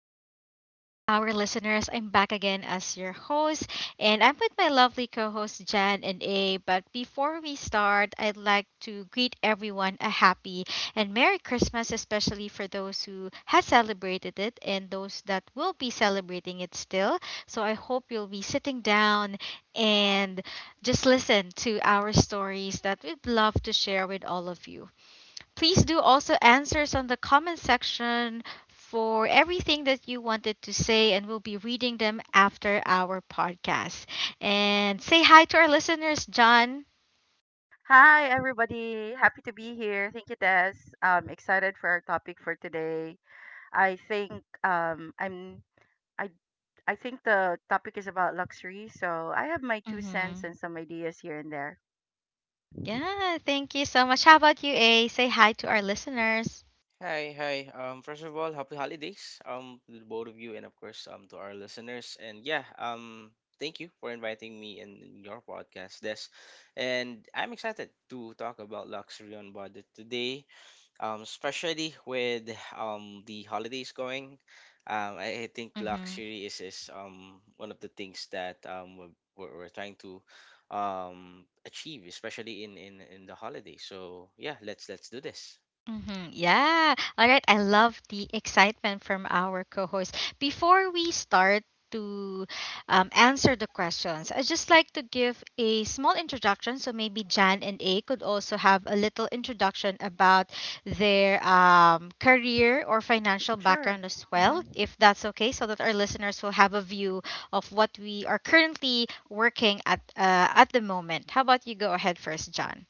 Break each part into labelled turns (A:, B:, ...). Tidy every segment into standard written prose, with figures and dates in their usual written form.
A: good morning to our listeners. I'm back again as your host, and I'm with my lovely co hosts Jan and A. But before we start, I'd like to greet everyone a happy and Merry Christmas, especially for those who has celebrated it and those that will be celebrating it still. So I hope you'll be sitting down and just listen to our stories that we'd love to share with all of you. Please do also answers on the comment section for everything that you wanted to say, and we'll be reading them after our podcast. And say hi to our listeners, John.
B: Hi, everybody. Happy to be here. Thank you, Des. I'm excited for our topic for today. I think um, I'm I I think the topic is about luxury, so I have my 2 cents
A: Hmm.
B: and some ideas here and there.
A: Yeah, thank you so much. How about you, A? Say hi to our listeners.
C: Hi, hi. First of all, happy holidays, to the both of you, and of course, to our listeners. And yeah, thank you for inviting me in your podcast, Des. And I'm excited to talk about luxury on budget today, especially with the holidays going. I think
A: Hmm.
C: luxury is one of the things that we're trying to achieve, especially in the holidays. So yeah, let's do this.
A: Mm-hmm. Yeah. All right. I love the excitement from our co host. Before we start to answer the questions, I'd just like to give a small introduction. So maybe Jan and A could also have a little introduction about their career or financial
B: Sure.
A: background as well,
B: Mm-hmm.
A: if that's okay, so that our listeners will have a view of what we are currently working at the moment. How about you go ahead first, Jan?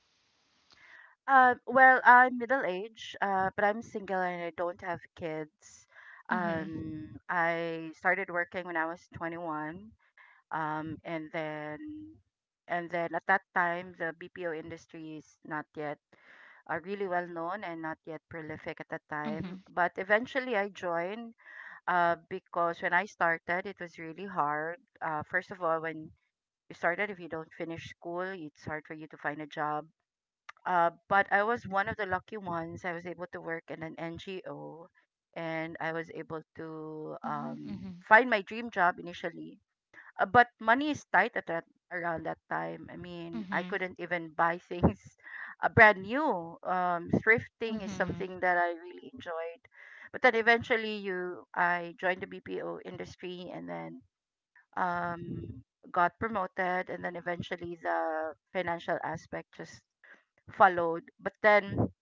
B: Well, I'm middle age, but I'm single and I don't have kids.
A: Mm-hmm.
B: I started working when I was 21. um, and then and then at that time the BPO industry is not yet really well known and not yet prolific at that
A: Mm-hmm.
B: time. But eventually I joined because when I started it was really hard. First of all, when you started, if you don't finish school, it's hard for you to find a job. But I was one of the lucky ones. I was able to work in an NGO, and I was able to
A: Mm-hmm.
B: find my dream job initially, but money is tight at that around that time. I mean, I
A: Mm-hmm.
B: couldn't even buy things brand new. Thrifting is
A: Mm-hmm.
B: something that I really enjoyed. But then eventually, you I joined the BPO industry, and then um, got promoted, and then eventually the financial aspect just followed. But then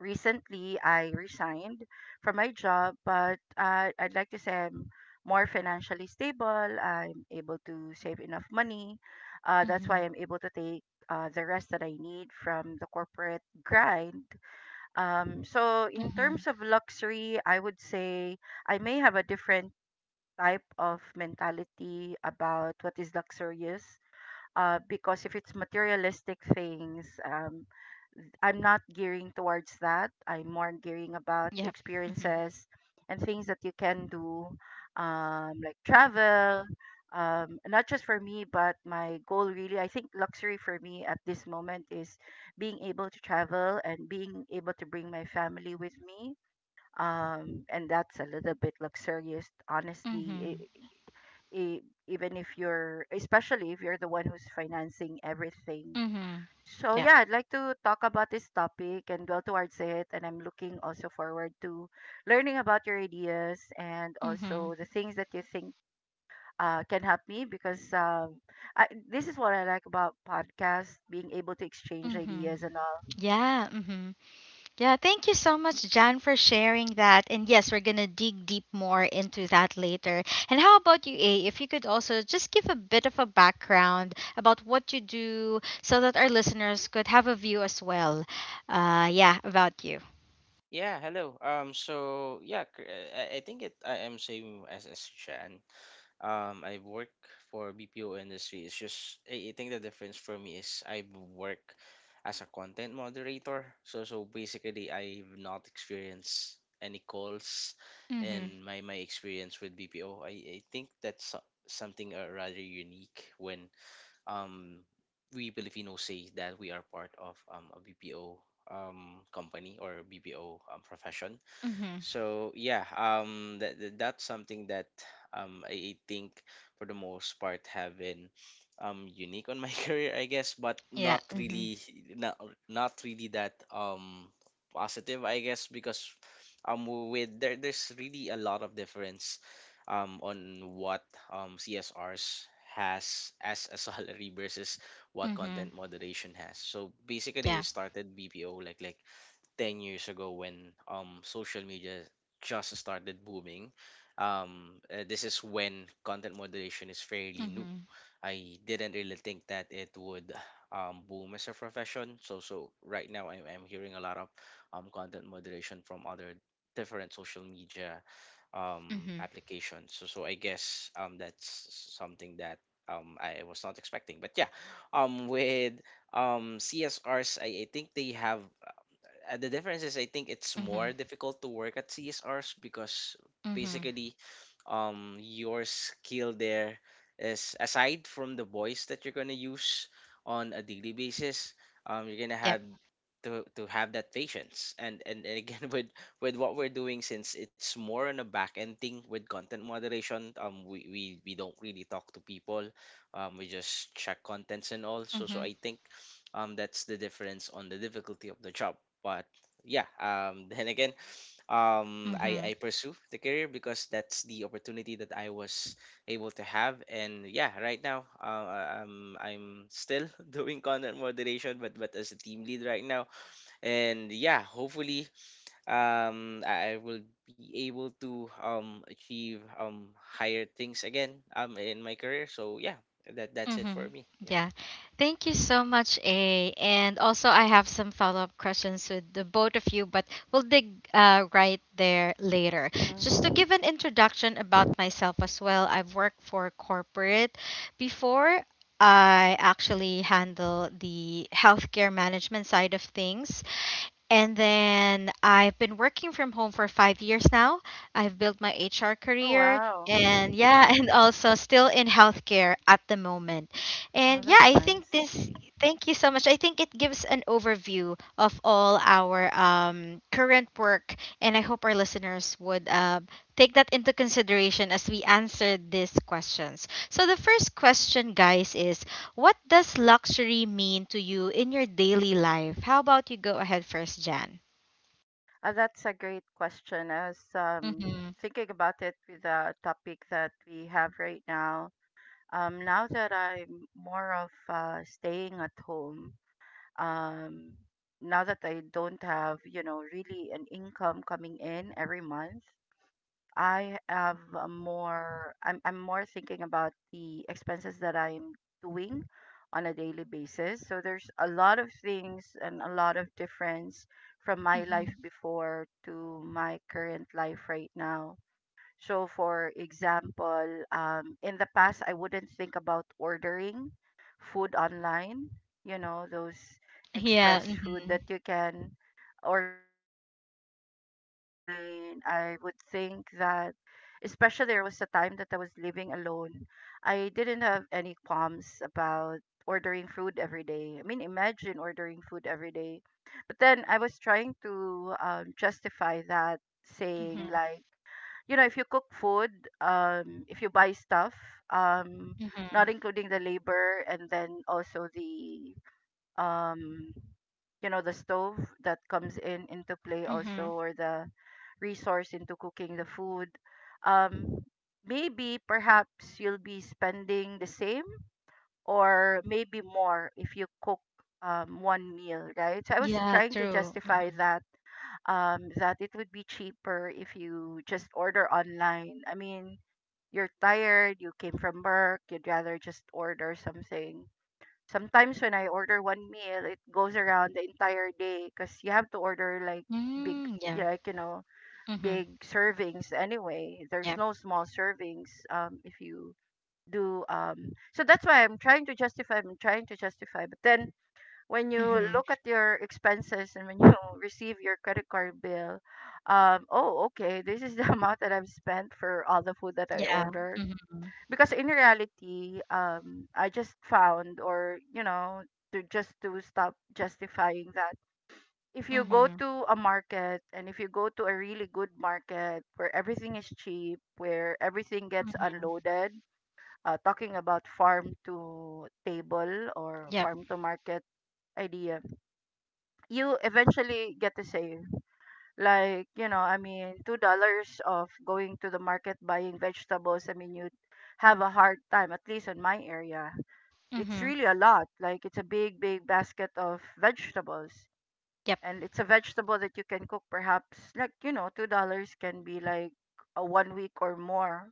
B: recently I resigned from my job, but I'd like to say I'm more financially stable. I'm able to save enough money. That's
A: Mm-hmm.
B: why I'm able to take the rest that I need from the corporate grind. So, in
A: Mm-hmm.
B: terms of luxury, I would say I may have a different type of mentality about what is luxurious. Because if it's materialistic things, I'm not gearing towards that. I'm more gearing about the
A: Yep. Mm-hmm.
B: experiences and things that you can do, like travel. Not just for me, but my goal really, I think luxury for me at this moment is being able to travel and being able to bring my family with me. And that's a little bit luxurious, honestly.
A: Mm-hmm.
B: I even if you're, especially if you're the one who's financing everything.
A: Mm-hmm.
B: So
A: Yep.
B: yeah, I'd like to talk about this topic and dwell towards it. And I'm looking also forward to learning about your ideas and
A: Mm-hmm.
B: also the things that you think can help me because this is what I like about podcasts, being able to exchange
A: Mm-hmm.
B: ideas and all.
A: Yeah. Mm-hmm. Yeah. Thank you so much, John, for sharing that. And yes, we're gonna dig deep more into that later. And how about you, A? If you could also just give a bit of a background about what you do, so that our listeners could have a view as well. Yeah, about you.
C: Yeah, hello. So yeah, cr- I think it. I am same as Jan. I work for BPO industry. It's just I think the difference for me is I work as a content moderator. So basically, I've not experienced any calls
A: Mm-hmm.
C: in my experience with BPO. I think that's something, rather unique when um, we Filipinos say that we are part of, a BPO company or BPO profession.
A: Mm-hmm.
C: So yeah, that's something that I think for the most part have been unique on my career, I guess, but
A: Yeah.
C: not
A: Mm-hmm.
C: really, not not really that positive, I guess, because, with, there's really a lot of difference on what CSRs has as a salary versus what
A: Mm-hmm.
C: content moderation has. So basically,
A: Yeah.
C: it started BPO like 10 years ago when social media just started booming. This is when content moderation is fairly new.
A: Mm-hmm.
C: I didn't really think that it would, boom as a profession. So right now, I'm hearing a lot of content moderation from other different social media,
A: Mm-hmm.
C: applications. So I guess, that's something that, I was not expecting. But yeah, with CSRs, I think they have, the difference is I think it's more
A: Mm-hmm.
C: difficult to work at CSRs because
A: Mm-hmm.
C: basically, your skill there is, aside from the voice that you're gonna use on a daily basis, you're gonna
A: Yep.
C: have to have that patience, and again, with what we're doing, since it's more on a back end thing with content moderation. We don't really talk to people. We just check contents and all. So
A: Mm-hmm.
C: I think, that's the difference on the difficulty of the job. But yeah, then again, um i
A: Mm-hmm.
C: i pursue the career because that's the opportunity that I was able to have. And yeah, right now, I'm still doing content moderation, but as a team lead right now. And yeah, hopefully, I will be able to achieve, higher things again in my career. So yeah, that's it
A: Mm-hmm.
C: for me, yeah.
A: Yeah. Thank you so much, A. And also, I have some follow up questions with the both of you, but we'll dig right there later. Just to
B: Mhm.
A: give an introduction about myself as well, I've worked for corporate before. I actually handle the healthcare management side of things. And then I've been working from home for 5 years now. I've built my HR
B: Oh,
A: career
B: wow.
A: and yeah, and
B: Mm.
A: also still in healthcare at the moment. And
B: Oh,
A: yeah,
B: that's
A: I think
B: nice.
A: this, thank you so much. I think it gives an overview of all our current work. And I hope our listeners would take that into consideration as we answer these questions. So, the first question, guys, is what does luxury mean to you in your daily life? How about you go ahead first, Jan?
B: That's a great question. I was
A: Mm-hmm.
B: thinking about it with the topic that we have right now. Now that I'm more of staying at home, um, now that I don't have, you know, really an income coming in every month, I have I'm more thinking about the expenses that I'm doing on a daily basis. So there's a lot of things and a lot of difference from my
A: Mm-hmm.
B: life before to my current life right now. So for example, in the past, I wouldn't think about ordering food online. You know, those
A: Yeah.
B: express food
A: Mm-hmm.
B: that you can order online. I mean, I would think that, especially there was a time that I was living alone, I didn't have any qualms about ordering food every day. I mean, imagine ordering food every day. But then I was trying to justify that saying
A: Mm-hmm.
B: like, you know, if you cook food, if you buy stuff, um
A: Mm-hmm.
B: not including the labor and then also the um the stove that comes in into play also,
A: Mm-hmm.
B: or the resource into cooking the food, um maybe perhaps you'll be spending the same or maybe more if you cook one meal, right? So I was
A: Yeah,
B: trying to
A: true.
B: justify
A: Mm-hmm.
B: that, that it would be cheaper if you just order online. I mean, you're tired, you came from work, you'd rather just order something. Sometimes when I order one meal, it goes around the entire day because you have to order like big,
A: Mm,
B: yeah,
A: yeah.
B: like, you know,
A: Mm-hmm.
B: big servings anyway. There's
A: Yep.
B: no small servings if you do. So that's why I'm trying to justify. I'm trying to justify. But then when you
A: Mm-hmm.
B: look at your expenses and when you receive your credit card bill, oh, okay, this is the amount that I've spent for all the food that I
A: Yeah.
B: ordered.
A: Mm-hmm.
B: Because in reality, I just found, or you know, to just to stop justifying that, if you go
A: Mm-hmm.
B: to a market and if you go to a really good market where everything is cheap, where everything gets unloaded, talking about farm to table or
A: Yep.
B: farm to market idea, you eventually get to save, like, you know, I mean, $2 of going to the market buying vegetables. I mean, you have a hard time, at least in my area, it's
A: Mm-hmm.
B: really a lot. Like it's a big, big basket of vegetables.
A: Yep.
B: And it's a vegetable that you can cook perhaps like, you know, $2 can be like a 1 week or more.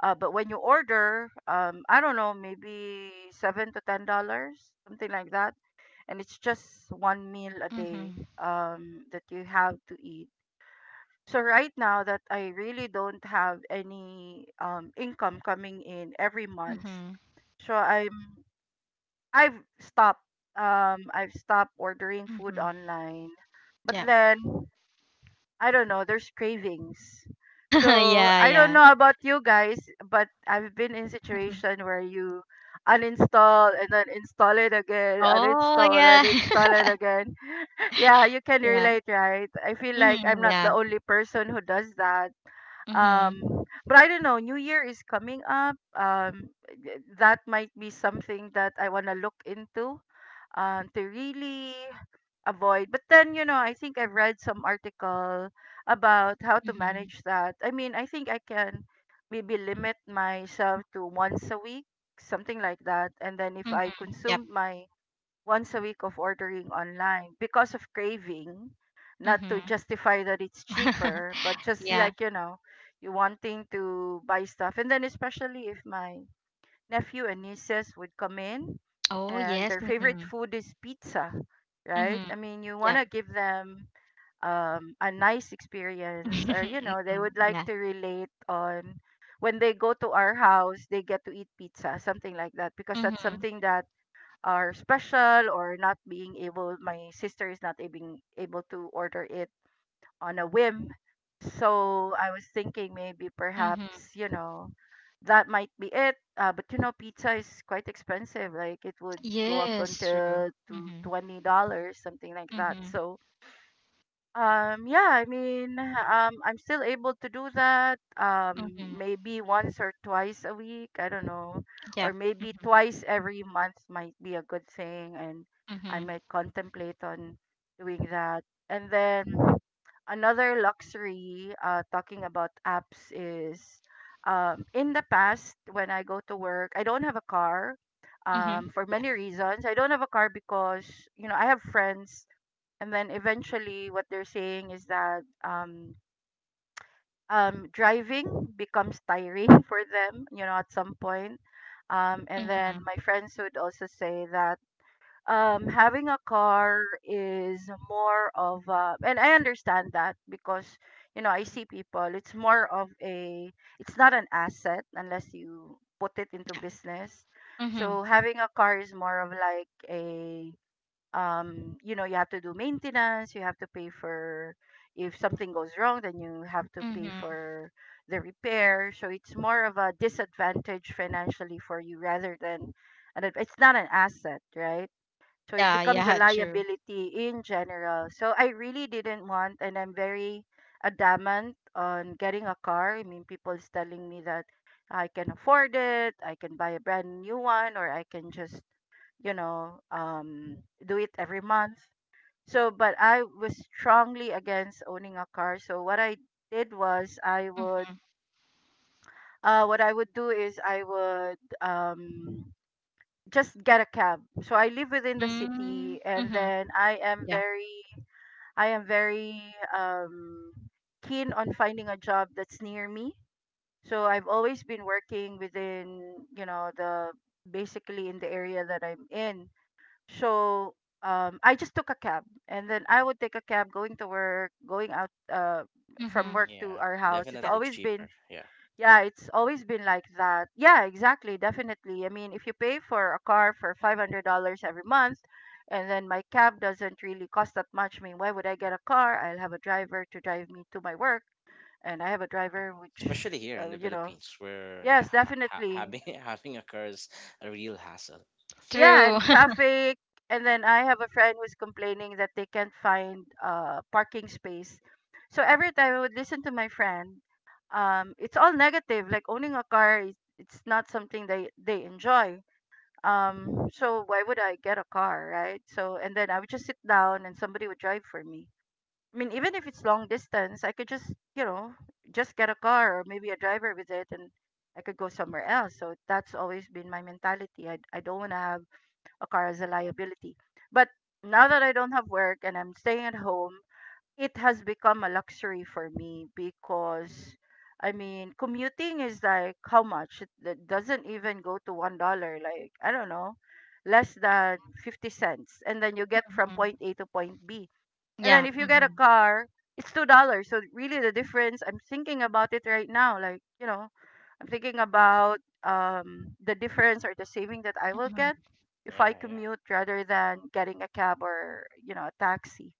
B: But when you order, I don't know, maybe $7 to $10, something like that. And it's just one meal a day
A: Mm-hmm.
B: that you have to eat. So right now that I really don't have any income coming in every month,
A: Mm-hmm.
B: so I'm I've stopped. I've stopped ordering food
A: Mm-hmm.
B: online, but
A: Yep.
B: then I don't know. There's cravings, so
A: Yeah,
B: I don't
A: yeah.
B: know about you guys, but I've been in
A: Mhm.
B: situation where you uninstall and then install it again,
A: Oh,
B: uninstall
A: yeah.
B: and install it again. Yeah, you can
A: Yeah.
B: relate, right? I feel like I'm
A: Mm.
B: not the
A: Yeah.
B: only person who does that.
A: Mm-hmm.
B: Um, but I don't know. New Year is coming up. That might be something that I want to look into to really avoid. But then, you know, I think I've read some article about how to
A: Mm-hmm.
B: manage that. I mean, I think I can maybe limit myself to once a week, something like that. And then if I
A: Mhm. Yep.
B: consume my once a week of ordering online because of craving, not
A: Mhm.
B: to justify that it's cheaper, but just
A: Yeah.
B: like, you know, you wanting to buy stuff. And then especially if my nephew and nieces would come in
A: Oh,
B: and
A: yes.
B: their favorite
A: Mhm.
B: food is pizza, right?
A: Mhm.
B: I mean, you want
A: Yep.
B: to give them a nice experience, or you know,
A: Mhm.
B: they would like
A: Yeah.
B: to relate on when they go to our house, they get to eat pizza, something like that, because that's
A: Mhm.
B: something that are special or not being able. My sister is not being able to order it on a whim. So I was thinking maybe
A: Mhm.
B: perhaps, you know, that might be it. But you know, pizza is quite expensive. Like it would go up
A: Yes, true.
B: until to
A: Mhm.
B: $20, something like that.
A: Mhm.
B: So yeah, I mean, I'm still able to do that.
A: Mhm.
B: Maybe once or twice a week. I don't know, or
A: Yep.
B: maybe twice every month might be a good thing, and I
A: Mhm.
B: might contemplate on doing that. And then another luxury, talking about apps is, in the past when I go to work, I don't have a car,
A: Mhm.
B: for
A: Yeah.
B: many reasons. I don't have a car because, you know, I have friends, and then eventually what they're saying is that driving becomes tiring for them, you know, at some point. And then
A: Mhm.
B: my friends would also say that having a car is more of a, and I understand that because, you know, I see people, it's more of a, it's not an asset unless you put it into
A: Yeah.
B: business.
A: Mhm.
B: So having a car is more of like a, you know, you have to do maintenance, you have to pay for, if something goes wrong, then you have to pay
A: Mhm.
B: for the repair. So it's more of a disadvantage financially for you rather than an it's not an asset, right? So it
A: Yeah,
B: becomes a
A: yeah, true.
B: liability in general. So I really didn't want, and I'm very adamant on getting a car. I mean, people's telling me that I can afford it, I can buy a brand new one, or I can just, you know, do it every month. So, but I was strongly against owning a car. So did was I would, what I would do is I would just get a cab. So I live within the
A: Mhm.
B: city, and
A: Mhm.
B: then
A: Yeah.
B: I am very um keen on finding a job that's near me. So I've always been working within, you know, the basically in the area that I'm in. So I just took a cab, and then I would take a cab going to work, going out from
A: Mhm.
B: work to
C: Yeah,
B: our house. It's
A: Yeah.
C: definitely
B: always
C: cheaper.
B: been
C: Yeah.
B: Yeah, it's always been like that. Yeah, exactly, definitely. I mean, if you pay for a car for $500 every month, and then my cab doesn't really cost that much, I mean, why would I get a car? I'll have a driver to drive me to my work, and I have a
C: Yeah,
B: driver which,
C: especially here in the
B: you know,
C: Philippines, where,
B: yes, definitely.
C: having having a car is a real hassle.
B: Yeah,
A: True.
B: and traffic, and then I have a friend who's complaining that they can't find parking space. So every time I would listen to my friend, it's all negative. Like owning a car, is it's not something they enjoy. So why would I get a car, right? So and then I would just sit down and somebody would drive for me. I mean, even if it's long distance, I could just, you know, just get a car or maybe a driver with it, and I could go somewhere else. So that's always been my mentality. I don't want to have a car as a liability. But now that I don't have work and I'm staying at home, it has become a luxury for me because I mean, commuting is like how much? It doesn't even go to $1. Like I don't know, less than 50 cents, and then you get from
A: Mhm.
B: point A to point B. And then
A: Yeah.
B: if you get a
A: Mhm.
B: car, it's $2. So really, the difference. I'm thinking about it right now. Like, you know, I'm thinking about the difference or the saving that I will
A: Mhm.
B: get if
C: Yeah,
B: I
C: yeah,
B: commute rather than getting a cab or, you know, a taxi.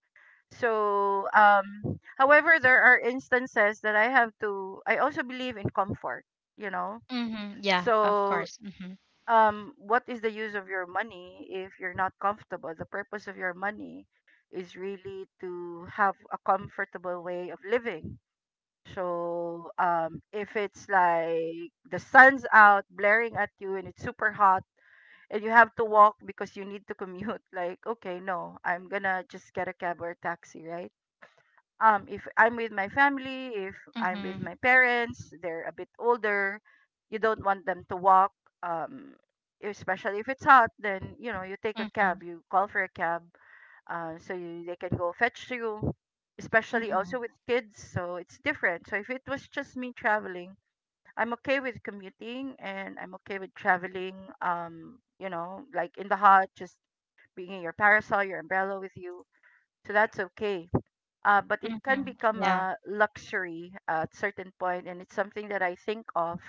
B: So, however, there are instances that I have to. I also believe in comfort. You know,
A: Mhm. Yeah, of
B: so
A: course. Mhm.
B: what is the use of your money if you're not comfortable? The purpose of your money is really to have a comfortable way of living. So if it's like the sun's out blaring at you and it's super hot and you have to walk because you need to commute, like okay, no, I'm gonna just get a cab or a taxi, right? If I'm with my family, if I'm with
A: Mhm.
B: my parents, they're a bit older, you don't want them to walk. Um, Especially if it's hot, then you know you take a cab,
A: Mhm.
B: you call for a cab, so you, they can go fetch you, especially also
A: Mhm.
B: with kids. So it's different. So if it was just me traveling, I'm okay with commuting and I'm okay with traveling, you know, like in the hot, just bringing your parasol, your umbrella with you. So
C: yeah.
B: that's okay. But it can
A: Mhm.
B: become
A: Yeah.
B: a luxury at certain point, and it's something that I think of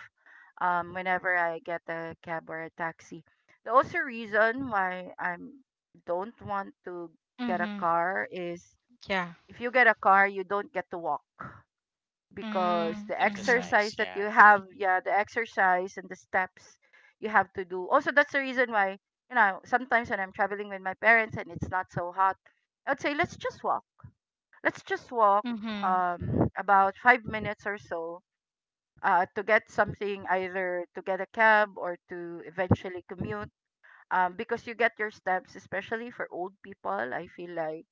B: whenever I get a cab or a taxi. The also reason why I don't want to get a
A: Mm-hmm.
B: car is
A: Yeah.
B: if you get a car, you don't get to walk, because
A: Mm,
B: the
A: mhm.
C: Exercise,
B: exercise that
C: yeah.
B: you have, yeah, the exercise and the steps you have to do also, that's the reason why, you know, sometimes when I'm traveling with my parents and it's not so hot, I'd say let's just walk.
A: Mhm.
B: About 5 minutes or so to get something, either to get a cab or to eventually commute, because you get your steps, especially for old people, I feel like,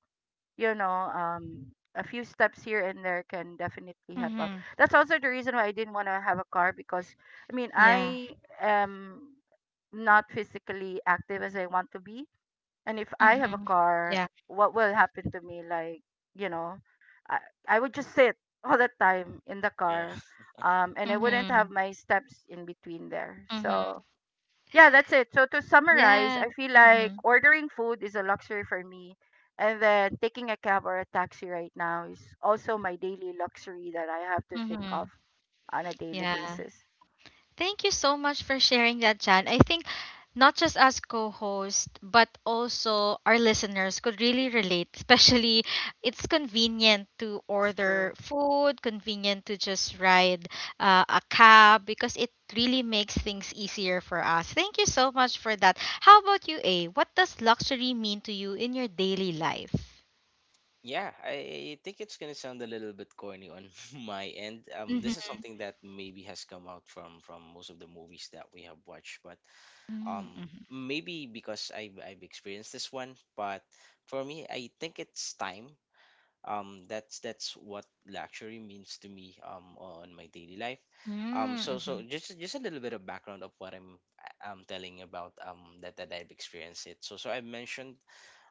B: you know, a few steps here and there can definitely help out.
A: Mhm.
B: That's also the reason why I didn't want to have a car, because I mean,
A: Yeah.
B: I am not physically active as I want to be. And if I have a
A: Mhm.
B: car,
A: Yeah.
B: what will happen to me? Like, you know, I, I would just sit all the time in the
C: Yeah,
B: car. And I wouldn't have
A: Mhm.
B: my steps in between there.
A: Mhm.
B: So, yeah, that's it. So, to summarize,
A: Yeah.
B: I feel like
A: Mhm.
B: ordering food is a luxury for me. And then taking a cab or a taxi right now is also my daily luxury that I have to think of
A: Mhm.
B: on a daily
A: Yeah.
B: basis.
A: Thank you so much for sharing that, Jan. I think not just as co host, but also our listeners could really relate, especially it's convenient to
B: That's true.
A: order food, convenient to just ride a cab because it really makes things easier for us. Thank you so much for that. How about you, A? What does luxury mean to you in your daily life?
C: yeah. I think it's gonna sound a little bit corny on my end. This is
A: Mm-hmm.
C: something that maybe has come out from most of the movies that we have watched. But um
A: Mm-hmm.
C: maybe because I've experienced this one. But for me, I think it's time. That's what luxury means to me on my daily life. So
A: Mm-hmm.
C: just a little bit of background of what I'm telling about, that I've experienced it. So I mentioned,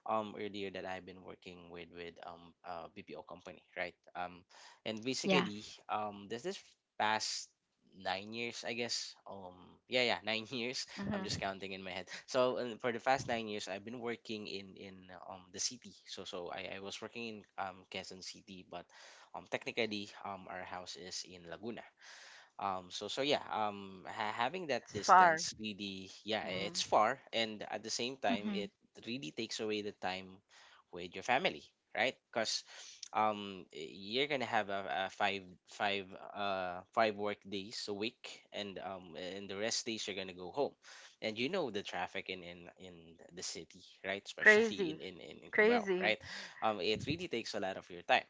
C: earlier that I've been working with BPO company, right? And
A: Yeah.
C: basically, this is past 9 years, I guess. Yeah, yeah, nine years. I'm just
B: Hmm.
C: counting in my head. So, and for the past 9 years I've been working in the city. I was working in, Quezon City, but technically, our house is in Laguna. So yeah, having that
B: That's far.
C: distance, really, yeah,
B: Mm.
C: it's far. And at the same time,
A: Mm-hmm.
C: it really takes away the time with your family, right? Because, you're gonna have a five 5 work days a week. And the rest days you're gonna go home. And you know the traffic in the city, right? Especially
B: Crazy.
C: in Cubao,
B: Crazy.
C: right? It really takes a lot of your time.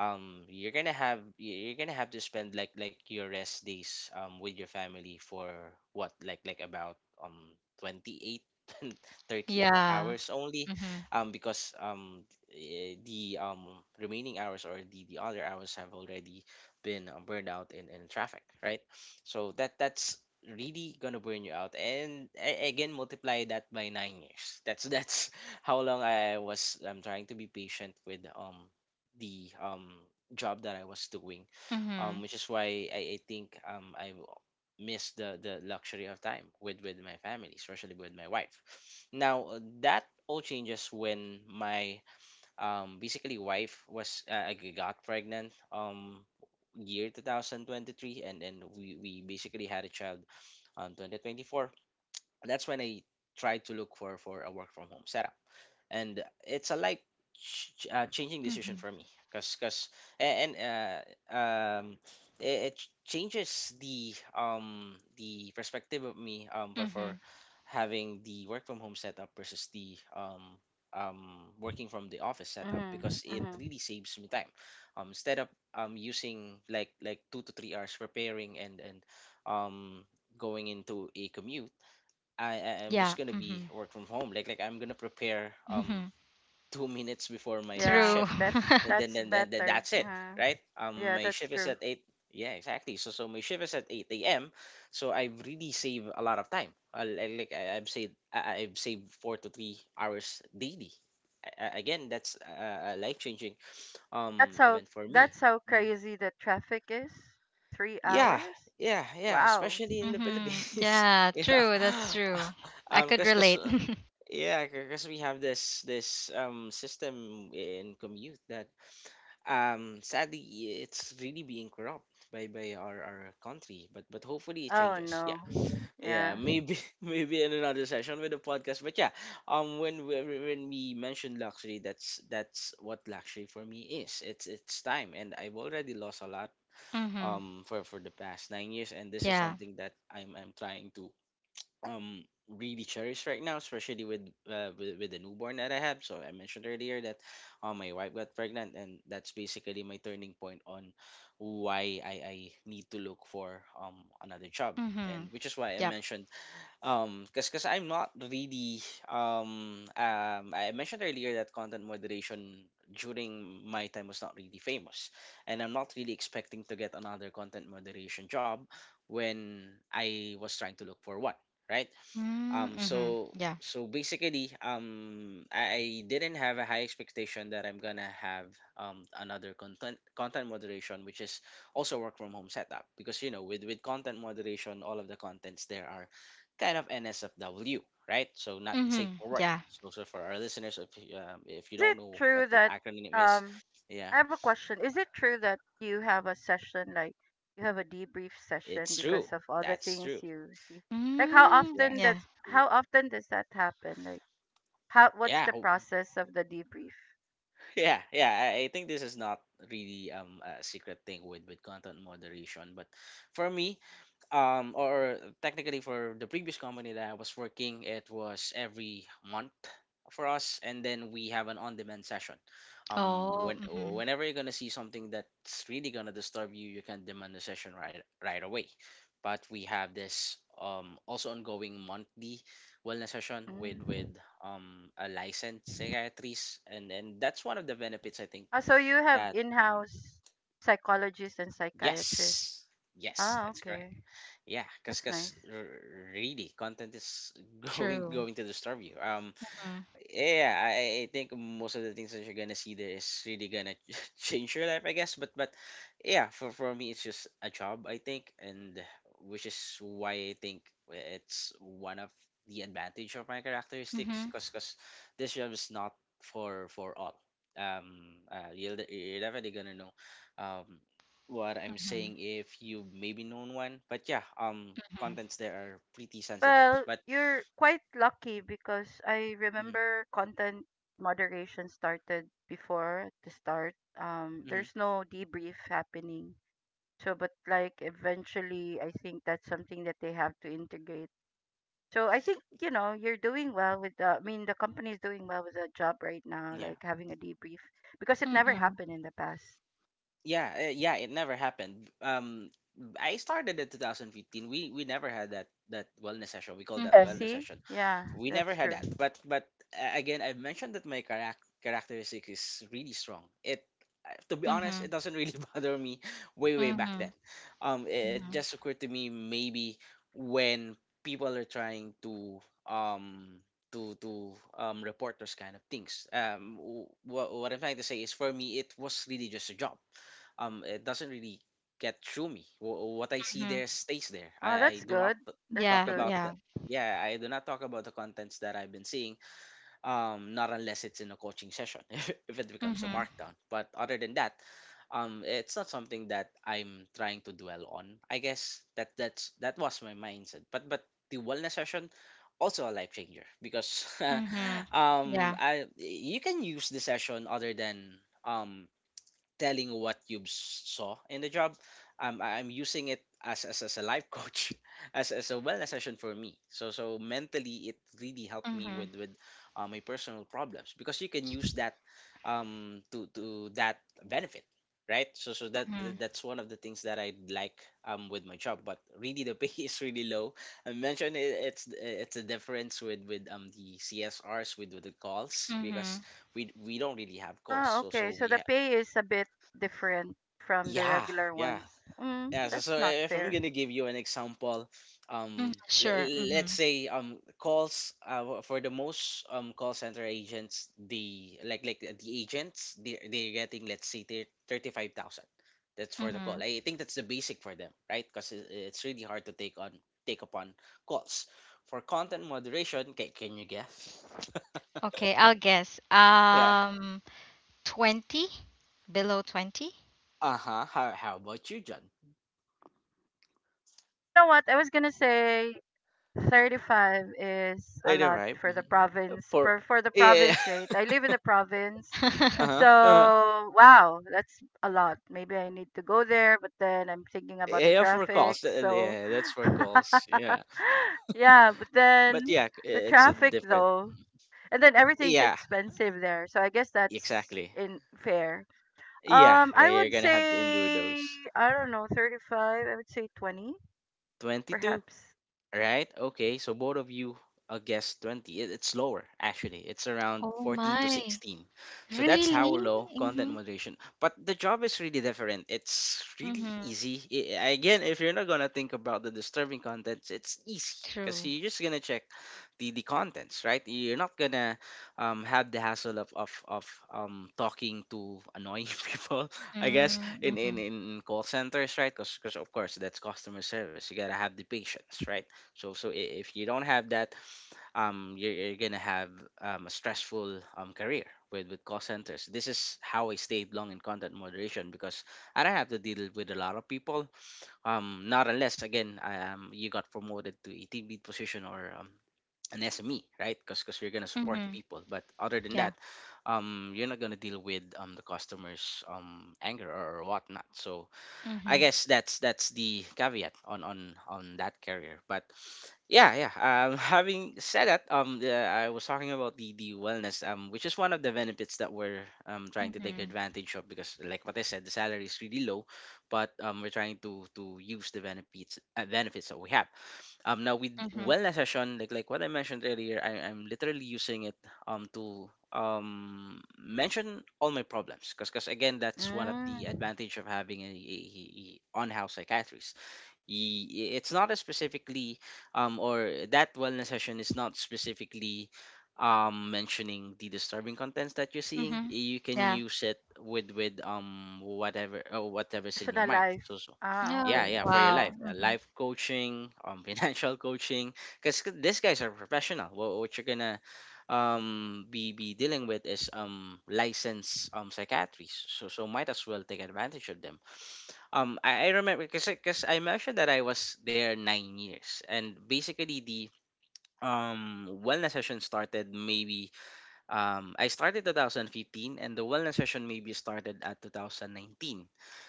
C: You're gonna have to spend, like your rest days, with your family, for what, like about, um 28 and 30 hours
A: Yeah.
C: only.
A: Mm-hmm.
C: Because, the, remaining hours, or the other hours, have already been, burned out in traffic, right? So that's really gonna burn you out. And, again, multiply that by 9 years. That's how long, I'm trying to be patient with, the, job that I was doing,
A: Mm-hmm.
C: which is why I think, I miss the luxury of time with my family, especially with my wife. Now, that all changes when my, basically wife was, got pregnant, year 2023. And then we basically had a child, 2024. That's when I tried to look for a work from home setup. And it's a, changing decision
A: Mhm.
C: for me. Because and um changes the perspective of me, for
A: Mhm.
C: having the work from home setup versus the working from the office setup
B: Mhm.
C: because it
B: Mhm.
C: really saves me time. Instead of, using, like 2 to 3 hours preparing, and um going into a commute. I'm just
A: Yeah.
C: gonna be
A: Mhm.
C: work from home. Like I'm gonna prepare,
A: Mhm.
C: 2 minutes before my
B: Yeah,
A: True.
C: shift.
B: bet
C: And then
B: that's
C: then, then, then
B: better.
C: that's it, right?
B: Yeah,
C: My
B: that's
C: shift is
B: true.
C: at 8. Yeah, exactly. So my shift is at 8 a.m., so I really save a lot of time. I Like I've saved 4 to 3 hours daily. Again, that's a life-changing,
B: That's how,
C: event for me.
B: that's how
C: Mhm.
B: crazy the traffic is. Three
C: Yeah,
B: hours?
C: yeah, yeah,
B: Wow.
C: especially in the
A: Mhm.
C: Philippines.
A: Yeah,
C: you
A: true. That's
C: know
A: true. I could
C: because,
A: relate.
C: yeah, because we have this, system in commute that, sadly, it's really being corrupt by our country. But hopefully it
B: Oh
C: changes,
B: no.
C: yeah. Yeah,
B: Yeah.
C: maybe maybe in another session with the podcast. But yeah, um when we when we mentioned luxury, that's what luxury for me is. It's time. And I've already lost a lot,
A: Mhm.
C: for the past 9 years. And this is
A: Yeah.
C: something that I'm trying to, really cherish right now, especially with, with the newborn that I have. So I mentioned earlier that, my wife got pregnant, and that's basically my turning point on why I need to look for, another job.
A: Mhm.
C: And which is why I
A: Yep.
C: mentioned, because I'm not really, I mentioned earlier that content moderation during my time was not really famous, and I'm not really expecting to get another content moderation job when I was trying to look for one, right?
A: Mm, mhm.
C: So
A: Yeah.
C: so basically I didn't have a high expectation that I'm gonna have, another content moderation, which is also work from home setup, because, with content moderation, all of the contents there are kind of nsfw, right? So, not safe
A: Mhm.
C: for work.
A: Yeah.
C: So, for our listeners, if you
B: Is
C: don't
B: it
C: know
B: true
C: what that
B: that
C: acronym is.
B: um I
C: Yeah,
B: have a question. Is it true that you have a session like you have a debrief session
C: it's true.
B: because of all the
C: That's true.
B: things you see? Like how
A: Mm,
C: Yeah.
B: often
A: yeah.
B: does,
C: w-
B: how often does that happen? Like how, what's
C: yeah,
B: the process of the debrief?
C: yeah, yeah, I think this is not really, a secret thing with content moderation. But for me, or technically, for the previous company that I was working, it was every month for us. And then we have an on-demand session.
A: Oh, mhm.
C: Whenever you're gonna see something that's really gonna disturb you, you can demand a session right away. But we have this, also ongoing monthly wellness session with,
B: Mm.
C: a licensed psychiatrist, and that's one of the benefits, I think,
B: Ah, so you have
C: that. Mm.
B: in-house psychologists and psychiatrists.
C: Yes, yes,
B: Ah,
C: that's correct,
B: okay.
C: yeah. Because
B: That's nice.
C: really content is going
A: True.
C: going to disturb you.
A: Mhm.
C: Yeah, I think most of the things that you're gonna see there is really gonna change your life, I guess. But yeah, for me, it's just a job, I think, and which is why I think it's one of the advantage of my characteristics,
A: Mhm.
C: cause this job is not for all. You're definitely gonna know, um, what I'm saying if you maybe known one. But yeah,
A: Mhm.
C: contents there are pretty sensitive.
B: Well,
C: But
B: you're quite lucky because I
C: mm-hmm,
B: remember content moderation started before at the start.
C: mm-hmm,
B: There's no debrief happening. So, but like eventually, I think that's something that they have to integrate. So I think, you know, you're doing well with the, I mean, the company is doing well with the job right now,
C: yeah.
B: like having a debrief because it never
A: Mhm.
B: happened in the past.
C: Yeah, yeah, it never happened. I started in 2015. We never had that wellness session. We
B: Oh
C: call that
B: yeah,
A: Mhm.
C: wellness
B: see?
C: session.
B: Yeah,
C: We never
B: that's
C: had that.
B: true.
C: But again, I've mentioned that my characteristic is really strong. It To be honest, it
A: Mhm.
C: doesn't really bother me way back then.
A: Mhm.
C: It
A: Mhm.
C: just occurred to me maybe when people are trying to um to to report those kind of things. What I'm trying to say is for me, it was really just a job. It doesn't really get through me. What I see
A: Mhm.
C: there stays there.
B: Ah,
C: I
B: that's
C: do not
B: good. That's
C: talk
A: Yeah,
B: good.
C: about the,
A: yeah.
C: yeah, I do not talk about the contents that I've been seeing, not unless it's in a coaching session. If it becomes a
A: Mhm.
C: markdown, but other than that, it's not something that I'm trying to dwell on, I guess. That was my mindset. But the wellness session also a life changer, because
A: Mhm. Yeah.
C: I you can use the session other than telling what you saw in the job. I'm using it as a life coach, as a wellness session for me. So mentally, it really helped me
A: Mhm.
C: with my personal problems, because you can use that to that benefit, right? So so that that-
A: Mhm.
C: that's one of the things that I like with my job. But really, the pay is really low. I mentioned it's a difference with the CSRs with the calls, because
A: Mhm.
C: we don't really have calls.
B: Ah, okay. So the pay is a bit different from the
C: Yeah,
B: regular
C: yeah,
B: ones. Mm,
C: yeah. So, so
B: that's not
C: eh, if I'm
B: fair.
C: gonna give you an example,
A: Mm, sure.
C: let's
A: Mm-hmm.
C: say calls, for the most call center agents, the like the agents, they're getting, let's say, 35,000. That's for the call.
A: Mm-hmm.
C: I think that's the basic for them, right? Because it's really hard to take upon calls. For content moderation, can you guess?
A: Okay, I'll guess.
C: Yeah.
A: 20? Below 20?
C: Uh huh. How about you, John?
B: You know what? I was gonna say 35 is a
C: Thirty
B: lot
C: five.
B: for the province,
C: For
B: for the
C: Yeah.
B: province rate. I live in the province,
C: Uh huh.
B: so wow, that's a lot. Maybe I need to go there, but then I'm thinking about the
C: Yeah, for
B: traffic.
C: calls.
B: So
C: Yeah, that's for calls. Yeah.
B: yeah, but then
C: But yeah,
B: the
C: it's a
B: traffic
C: different.
B: though, and then everything's
C: Yeah,
B: expensive there, so I guess that's
C: exactly.
B: in fair.
C: Yeah, yeah,
B: I
C: you're
B: would
C: gonna have to endure
B: say,
C: those.
B: I don't know, 35, I would say 20
C: 22?
B: perhaps.
C: Right? Okay, so both of you guessed 20. It's lower, actually. It's around
A: Oh
C: 14 to
A: my.
C: 16. So that's
A: Really?
C: how low
A: Mm-hmm.
C: content moderation. But the job is really different. It's really
A: Mm-hmm.
C: easy. Again, if you're not going to think about the disturbing contents, it's easy because
A: True.
C: you're just going to check the contents, right? You're not going to have the hassle of talking to annoying people, I guess, in,
A: Mm-hmm.
C: in, in call centers, right? Because, of course, that's customer service. You got to have the patience, right? If you don't have that, you're gonna have a stressful career with call centers. This is how I stayed long in content moderation, because I don't have to deal with a lot of people. Not unless, again, you got promoted to a team lead position, or an SME, right? Because you're gonna support
A: Mm-hmm.
C: people. But other than
A: Yeah.
C: that, you're not gonna deal with the customers' anger or whatnot. So I
A: Mm-hmm.
C: guess that's the caveat on that career. But yeah, yeah. Having said that, I was talking about the wellness, which is one of the benefits that we're trying to take
A: Mm-hmm.
C: advantage of because, like what I said, the salary is really low, but we're trying to use the benefits that we have now with
A: Mm-hmm.
C: wellness session, like what I mentioned earlier. I'm literally using it to mention all my problems, because, again, that's one of the
B: Mm.
C: advantage of having a on-house psychiatrist. Y- it's not a specifically, or that wellness session is not specifically, mentioning the disturbing contents that you're seeing.
A: Mm-hmm.
C: You can
A: Yeah.
C: use it with whatever or whatever's in your
B: Personal
C: mind.
B: life. Ah,
A: Yeah.
C: Yeah,
B: okay.
C: yeah, for your life,
A: Wow. Mm-hmm.
C: life coaching, financial coaching, because these guys are professional. What you're gonna be dealing with is licensed psychiatrists. So might as well take advantage of them. I remember, because I mentioned that I was there 9 years, and basically the wellness session started maybe, I started 2015 and the wellness session maybe started at 2019.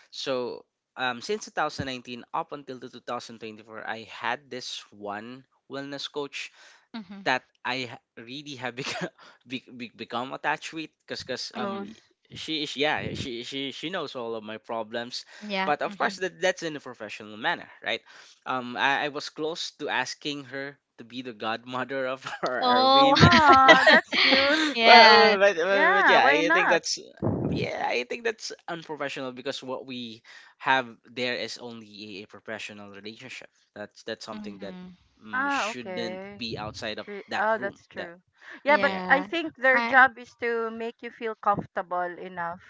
C: So, since 2019 up until the 2024, I had this one wellness coach
A: Mm-hmm.
C: that really have become, become attached with, because
B: Close.
A: Mm-hmm.
C: she is. Yeah, she knows all of my problems,
A: Yeah.
C: but of
A: Mm-hmm.
C: course that's in a professional manner, right? I was close to asking her to be the godmother of our
A: Oh.
C: baby,
B: Ah, that's cute.
A: Yeah.
C: but, but, but but
B: Yeah,
C: yeah,
B: why
C: I think
B: not?
C: that's yeah, I think that's unprofessional, because what we have there is only a professional relationship. That's something that,
A: Mm-hmm.
B: Ah,
C: shouldn't
B: okay.
C: be outside of
B: Re-
C: that
B: Oh,
C: room.
B: that's
C: That
B: true. Yeah, but
C: Yeah,
B: I
A: Yeah.
C: yeah,
B: think their
A: I
B: job is to make you feel comfortable enough.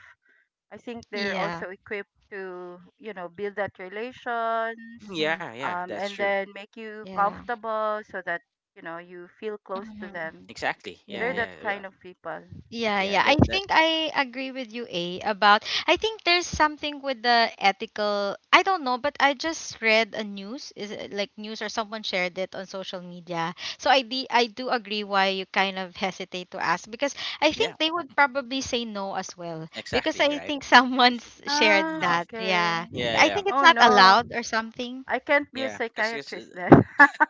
B: I think they're
A: yeah.
B: also equipped to, you know, build that relations,
A: Mm-hmm.
C: yeah, yeah. That's
B: and
C: true.
B: then make you
A: Yeah.
B: comfortable so that, you know, you feel close to
A: Mm-hmm.
B: them.
C: Exactly. Yeah,
B: They're
A: Yeah.
C: yeah,
B: that kind of people.
A: Yeah,
C: yeah.
A: yeah. I
C: That that
A: think I agree with you, A, about I think there's something with the ethical I don't know, but I just read a news, is it like news or someone shared it on social media. So I do agree why you kind of hesitate to ask because I
C: Yeah.
A: think they would probably say no as well. Because
C: Exactly.
A: I
C: Right.
A: think someone's shared
B: Ah,
A: that.
B: okay.
A: Yeah.
C: Yeah,
A: I
C: yeah,
A: think it's
B: Oh
A: not
B: no.
A: allowed or something.
B: I can't be a
C: yeah. Because
B: psychiatrist then.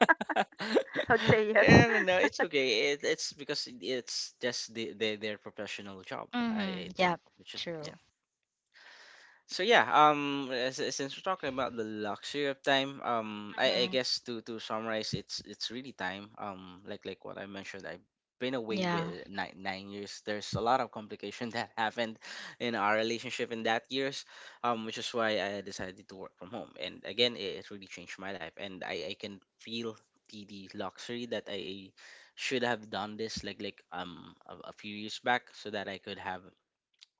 B: I'd say yes.
C: and no, no, it's okay. It's because it- it's just their professional job,
A: Mm-hmm.
C: I
A: Yeah.
C: think, which is,
A: True.
C: yeah. So yeah, since we're talking about the luxury of time, I
A: Mm-hmm.
C: guess to summarize, it's really time. Like what I mentioned, I've been away
A: Yeah.
C: with nine years. There's a lot of complication that happened in our relationship in that years, which is why I decided to work from home. And again, it really changed my life, and I can feel the luxury that I should have done this like a few years back, so that I could have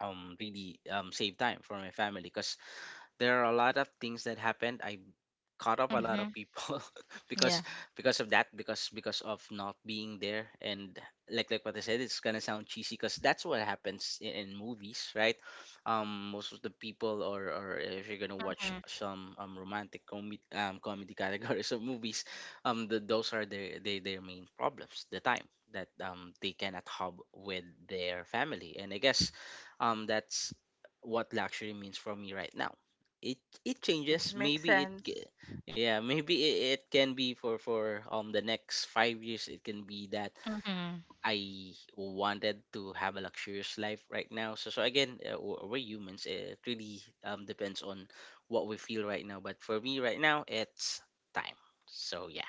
C: really save time for my family, because there are a lot of things that happened. I cut off a lot
A: Mm-hmm.
C: of people because
A: Yeah.
C: because of that, because of not being there. And, like what I said, it's gonna sound cheesy because that's what happens in movies, right? Most of the people, or if you're gonna watch some romantic comedy categories of movies, those are their main problems, the time that they cannot hub with their family, and I guess that's what luxury means for me right now. It it
B: Mm,
C: changes,
B: makes
C: maybe it,
B: sense.
C: yeah, maybe it can be for the next 5 years. It can be that
A: Mm-hmm.
C: I wanted to have a luxurious life right now. So again, we're humans. It really depends on what we feel right now. But for me right now, it's time. So yeah,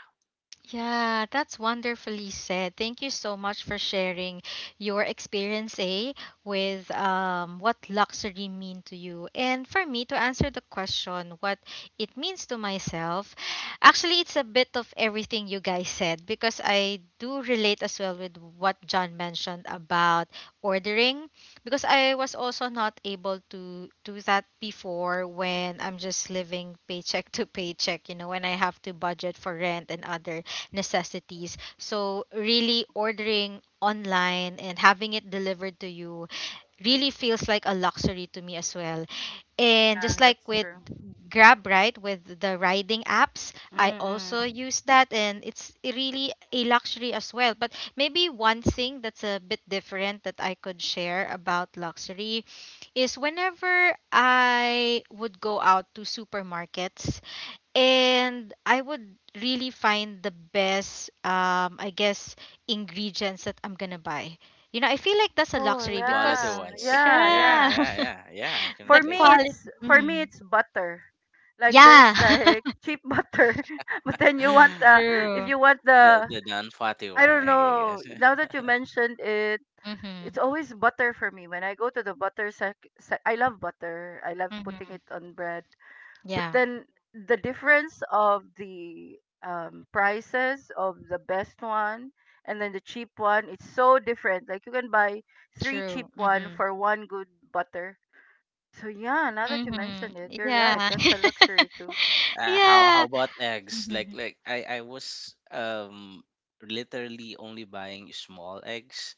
A: Yeah, that's wonderfully said. Thank you so much for sharing your experience, eh, with what luxury mean to you. And for me to answer the question, what it means to myself, actually, it's a bit of everything you guys said because I do relate as well with what John mentioned about ordering because I was also not able to do that before when I'm just living paycheck to paycheck, you know, when I have to budget for rent and other necessities. So, really ordering online and having it delivered to you really feels like a luxury to me as well. And
B: Yeah,
A: just like
B: that's
A: with
B: true.
A: Grab, right, with the riding apps, I also
B: Mm-mm.
A: use that and it's really a luxury as well. But maybe one thing that's a bit different that I could share about luxury is whenever I would go out to supermarkets and I would really find the best, I guess, ingredients that I'm gonna buy. You know, I feel like that's a
B: Oh
A: luxury
C: the
A: because,
C: quality
B: yeah,
C: ones.
B: yeah,
C: Yeah,
A: yeah,
B: yeah.
C: yeah, yeah, yeah. I can
A: the
B: For
C: relate
B: me,
C: to that.
A: quality. Hmm.
B: it's butter. Like there's
A: Yeah,
B: like cheap butter, but then you want the, if
A: true.
B: you want
C: the
B: the
C: the non fatty
B: I
C: one,
B: don't
C: I
B: know.
C: guess.
B: Now that you mentioned it,
A: Mm-hmm.
B: it's always butter for me. When I go to the butter sec, I love butter. I love putting
A: Mm-hmm.
B: it on bread. But
A: Yeah,
B: then the difference of the prices of the best one and then the cheap one, it's so different. Like you can buy three cheap
A: true.
B: one
A: Mm-hmm.
B: for one good butter. So yeah, now that you mentioned it,
A: Mm-hmm.
B: you're right,
A: Yeah.
B: that's a luxury too.
C: Uh, how
A: Yeah.
C: how about eggs? Like
A: Mm-hmm.
C: like I I was literally only buying small eggs,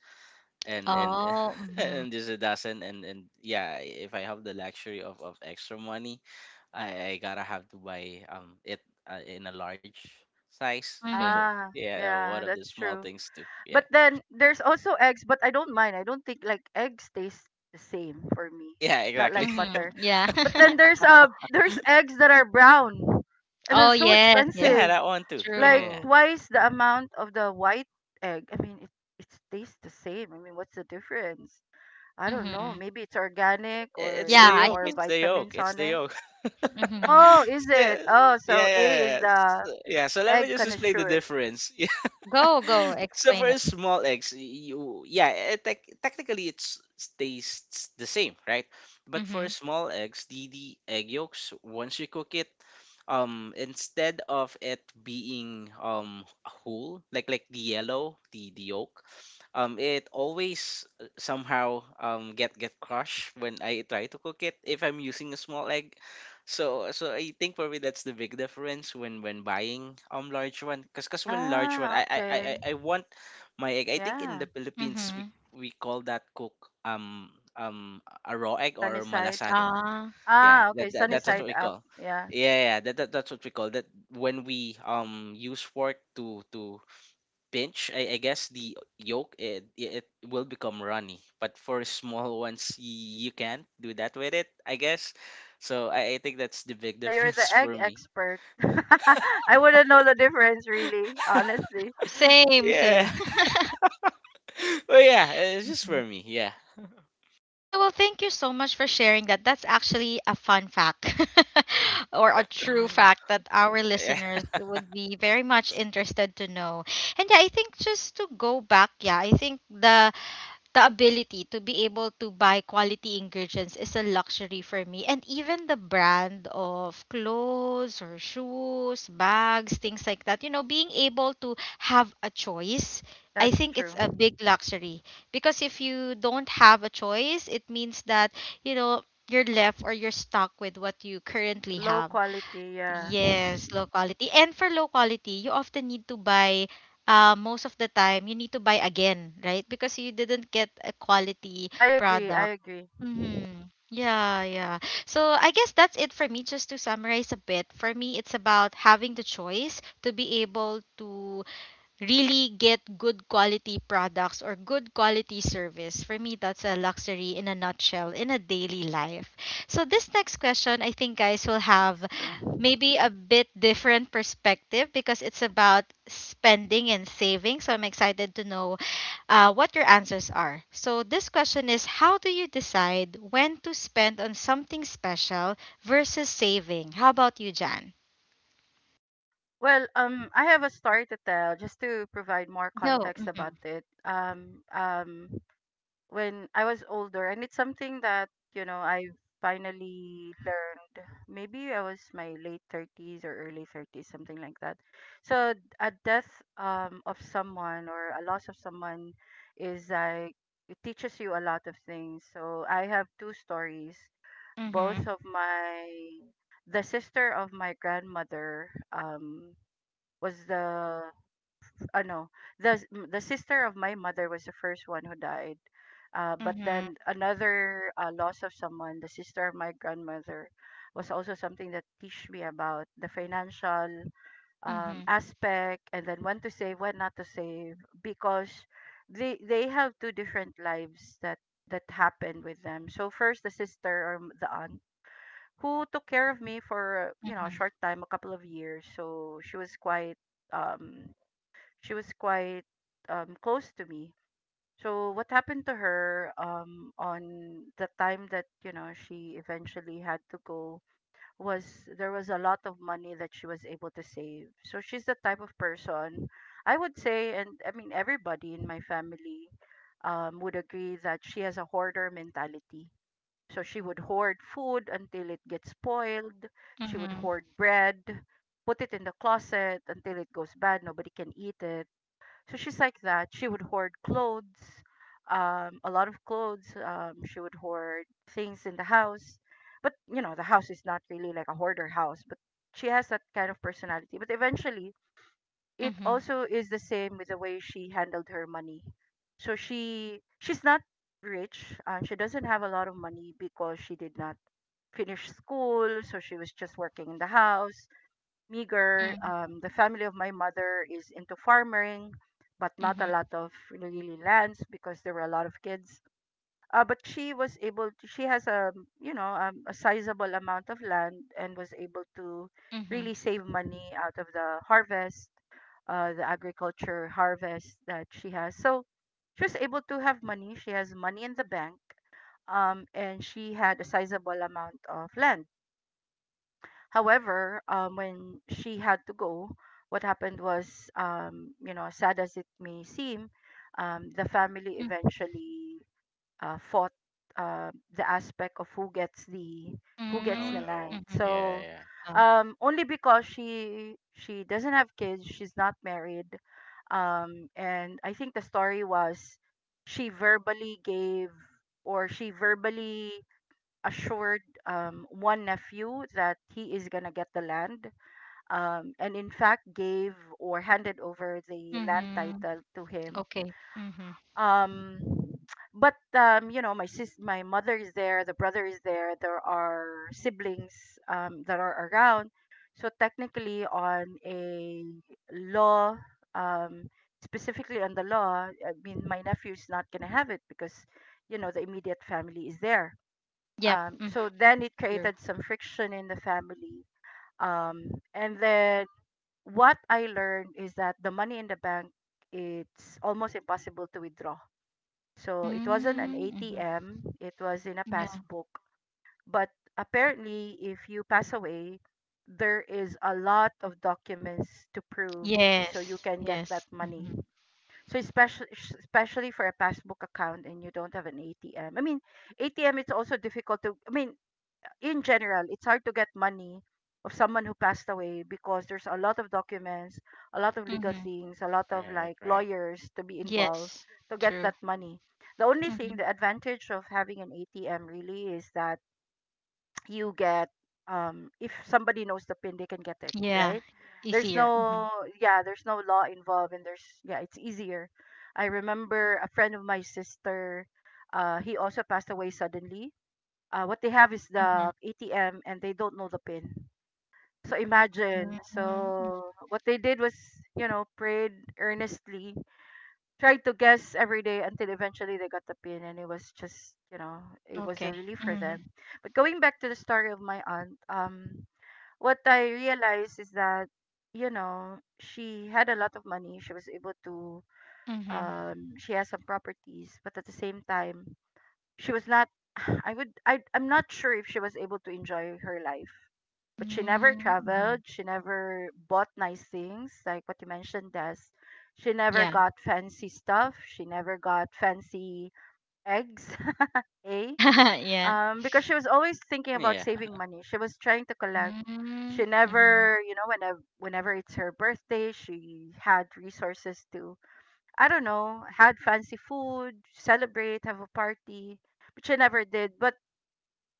C: and
A: Oh. Mm-hmm.
C: and just a dozen. And yeah, if I have the luxury of extra money, I gotta have to buy it in a large size. So
A: Mm-hmm.
B: Ah,
C: yeah, one
B: yeah,
C: of the
B: that's
C: small
B: true.
C: things too,
B: But
C: yeah.
B: then there's also eggs, but I don't mind. I don't think like eggs taste the same for me,
C: Yeah,
B: not
C: exactly.
B: like
A: Mm-hmm.
B: butter.
A: Yeah.
B: But then there's eggs that are brown and they're
A: Oh,
B: so
A: yes, yes,
C: Yeah,
B: expensive,
C: that one too. Yeah,
B: like
C: yeah, yeah.
A: true.
B: twice the
C: Mhm.
B: amount of the white egg. I mean, it tastes the same. I mean, what's the difference? I don't know.
A: Mm-hmm.
B: Maybe it's organic or
C: It's
A: Yeah,
C: the
B: there's
A: I
C: yolk,
B: more
A: think
C: it's the yolk,
B: vitamins
C: it's
B: on
C: the
B: it.
C: yolk. So,
A: Mhm.
B: Oh, is
C: yeah,
B: it? Oh, so
C: yeah,
B: A is
C: yeah.
B: the
C: So, yeah, so let me
B: egg
C: just explain the
B: connoisseur.
C: difference. Yeah.
A: Go, go.
C: So
A: Explain
C: for
A: it.
C: a small eggs, you yeah, technically it's tastes the same, right? But for a
A: Mhm.
C: small eggs, the egg yolks, once you cook it, instead of it being whole, like the yellow, the yolk, it always, somehow get crushed when I try to cook it, if I'm using a small egg. So I think for me that's the big difference when buying large one, cuz when large one,
B: Ah,
C: I I I I
B: okay.
C: I want my egg. I think in
B: Yeah.
C: the Philippines we
A: Mhm.
C: we call that cook, a raw egg,
B: Sunny
C: or
B: side.
C: malasado.
A: Ah.
C: Yeah,
B: Ah, okay.
C: that, that
B: Sunny
C: that's
A: Okay.
B: side
C: what we
B: up.
C: call.
B: Yeah.
C: Yeah, yeah, that's what we call that, when we use fork to pinch, I guess the yolk, it will become runny. But for small ones, you can't do that with it, I guess. So I think that's the big
B: Oh, you're
C: difference
B: the egg
C: for me.
B: expert. I wouldn't know the difference really, honestly.
A: Same,
C: Yeah.
A: same.
C: Well, yeah, it's just
A: Mhm.
C: for me. Yeah.
A: Yeah, well, thank you so much for sharing that. That's actually a fun fact or a true fact that our
C: Yeah.
A: listeners would be very much interested to know. And yeah, I think just to go back, yeah, I think the ability to be able to buy quality ingredients is a luxury for me. And even the brand of clothes or shoes, bags, things like that, you know, being able to have a choice, I
B: That's
A: think it's a
B: true.
A: big luxury. Because if you don't have a choice, it means that, you know, you're left or you're stuck with what you currently
B: Low
A: have.
B: quality, yeah.
A: Yes, low quality. And for low quality, you often need to buy, most of the time, you need to buy again, right? Because you didn't get a quality
B: I agree. I
A: product.
B: agree.
A: Mm-hmm. Yeah, yeah. So I guess that's it for me. Just to summarize a bit, for me, it's about having the choice to be able to really get good quality products or good quality service. For me, that's a luxury in a nutshell in a daily life. So, this next question, I think, guys, will have
B: It's true.
A: maybe a bit different perspective because it's about spending and saving. So, I'm excited to know what your answers are. So, this question is: how do you decide when to spend on something special versus saving? How about you, Jan?
B: Well, I have a story to tell just to provide more
A: Go.
B: context
A: Mm-hmm.
B: about it. When I was older, and it's something that, you know, I finally learned. Maybe I was my late thirties or early thirties, something like that. So a death of someone or a loss of someone is like it teaches you a lot of things. So I have two stories.
A: Mm-hmm.
B: Both of my, the sister of my grandmother, was the no the the sister of my mother was the first one who died. But
A: Mm-hmm.
B: then another loss of someone, the sister of my grandmother, was also something that teach me about the financial
A: Mm-hmm.
B: aspect and then when to save, when not to save, because they have two different lives that that happened with them. So first the sister or the aunt who took care of me for, you know, a short time, a couple of years. So she was quite um she was quite close to me. So what happened to her on the time that, you know, she eventually had to go was there was a lot of money that she was able to save. So she's the type of person, I would say, and I mean, everybody in my family would agree that she has a hoarder mentality. So she would hoard food until it gets spoiled. She would
A: Mhm.
B: hoard bread, put it in the closet until it goes bad. Nobody can eat it. So she's like that. She would hoard clothes, a lot of clothes. She would hoard things in the house. But, you know, the house is not really like a hoarder house, but she has that kind of personality. But eventually, it
A: Mhm.
B: also is the same with the way she handled her money. So she's not rich and she doesn't have a lot of money because she did not finish school, so she was just working in the house, meager.
A: Mhm.
B: The family of my mother is into farming, but
A: Mhm.
B: not a lot of really lands because there were a lot of kids. But she was able to, she has a, a sizable amount of land and was able to
A: Mhm.
B: really save money out of the harvest, the agriculture harvest that she has. So she was able to have money. She has money in the bank, and she had a sizable amount of land. However, when she had to go, what happened was, sad as it may seem, the family
A: Mhm.
B: eventually fought the aspect of who gets
C: Oh
A: Mhm.
B: the land.
C: no.
A: Mhm.
B: So
C: Yeah,
A: Oh.
B: only because she doesn't have kids, she's not married, and I think the story was she verbally gave she verbally assured one nephew that he is gonna get the land, and in fact gave or handed over the land
A: Mhm.
B: title to him.
A: Okay. Mhm.
B: Um but You know, my mother is there, the brother is there, there are siblings that are around, so technically on a law um specifically on the law, I mean, my nephew is not going to have it because, you know, the immediate family is there.
A: Yep. Mhm.
B: So then it
A: True.
B: created some friction in the family. Um and then what I learned is that the money in the bank, it's almost impossible to withdraw, so it wasn't an
A: Mm, mhm.
B: ATM, it was in a
A: Yeah.
B: passbook. But apparently, if you pass away, there is a lot of documents to prove so you
A: Yes.
B: can get that
A: Yes.
B: money.
A: Mhm.
B: So especially for a passbook account and you don't have an ATM. I mean, ATM it's also difficult to I mean, in general, it's hard to get money of someone who passed away because there's a lot of documents, a lot of legal
A: Mhm.
B: things, a lot
C: yeah.
B: of
C: Right,
B: like
C: right.
B: lawyers to be involved
A: Yes.
B: to get
A: True.
B: that money. The only thing,
A: Mhm.
B: the advantage of having an ATM really is that you get, if somebody knows the PIN, they can get it,
A: Yeah.
B: right? There's
A: Easier. Mhm.
B: yeah, there's no law involved, and there's, yeah, it's easier. I remember a friend of my sister, he also passed away suddenly. What they have is
A: Mhm.
B: the ATM and they don't know the PIN. So imagine.
A: Mhm. Mm,
B: So what they did was, you know, prayed earnestly, tried to guess every day until eventually they got the PIN, and it was just, you know, it was a
A: okay.
B: relief for
A: Mhm.
B: them. But going back to the story of my aunt, what I realized is that, you know, she had a lot of money. She was able to,
A: Mhm.
B: she has some properties, but at the same time, she was not I would I I'm not sure if she was able to enjoy her life, but she never
A: Mm, mhm.
B: traveled, she never bought nice things like what you mentioned, Des. She never
A: Yeah.
B: got fancy stuff, she never got fancy eggs, eh?
A: Yeah.
B: Because she was always thinking about
C: Yeah.
B: saving money. She was trying to collect. She
A: Mm, mhm.
B: never, you know, whenever it's her birthday, she had resources to, I don't know, had fancy food, celebrate, have a party, but she never did. But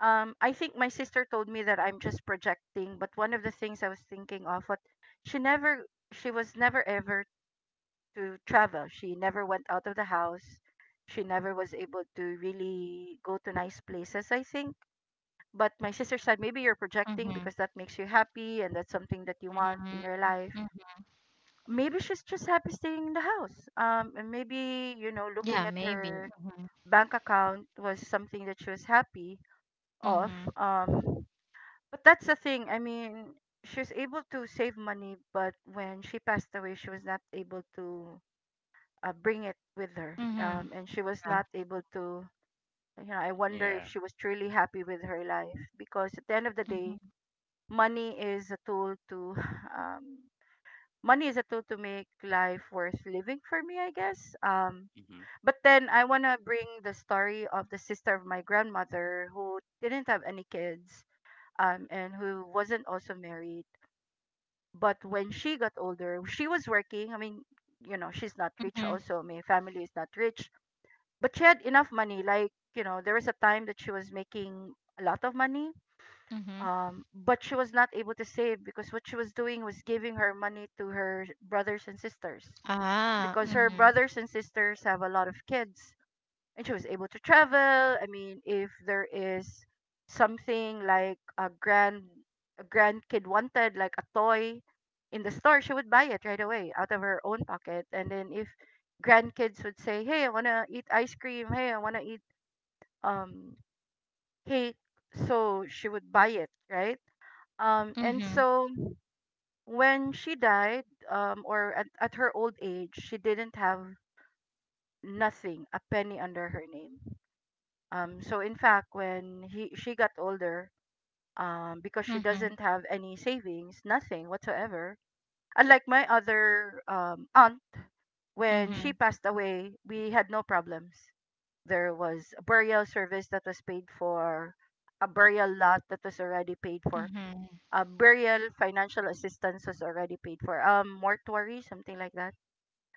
B: I think my sister told me that I'm just projecting, but one of the things I was thinking of what she never she was never ever to travel. She never went out of the house. She never was able to really go to nice places, I think. But my sister said, maybe you're projecting
A: Mhm.
B: because that makes you happy and that's something that you want
A: Mm,
B: in your life.
A: mm.
B: Maybe she's just happy staying in the house. And maybe, you know, looking
A: Yeah,
B: at
A: maybe.
B: her
A: Mhm.
B: bank account was something that she was happy of.
A: Mhm.
B: Um But that's the thing. I mean, she was able to save money, but when she passed away, she was not able to bring it with her.
A: Mhm.
B: And she was
A: Yeah.
B: not able to, you know, I wonder if
C: Yeah.
B: she was truly happy with her life because at the end of the day,
A: Mhm.
B: money is a tool to, um, money is a tool to make life worth living for me, I guess.
C: Mm-hmm.
B: But then I want to bring the story of the sister of my grandmother who didn't have any kids, and who wasn't also married. But when she got older, she was working. I mean, you know, she's not rich
A: Mhm.
B: also. My family is not rich. But she had enough money. Like, you know, there was a time that she was making a lot of money.
A: Mhm.
B: But she was not able to save because what she was doing was giving her money to her brothers and sisters.
A: Ah.
B: Because her
A: Mhm.
B: brothers and sisters have a lot of kids, and she was able to travel. I mean, if there is something like a grandkid wanted, like a toy in the store, she would buy it right away out of her own pocket. And then if grandkids would say, hey, I wanna eat ice cream, hey, I wanna eat um cake, so she would buy it, right? And
A: Mhm.
B: so when she died, at her old age, she didn't have nothing, a penny under her name. So in fact, when he she got older, because she doesn't
A: Mhm.
B: have any savings, nothing whatsoever. Unlike my other aunt, when she
A: Mhm.
B: passed away, we had no problems. There was a burial service that was paid for, a burial lot that was already paid for,
A: Mhm.
B: a burial financial assistance was already paid for, mortuary, something like that.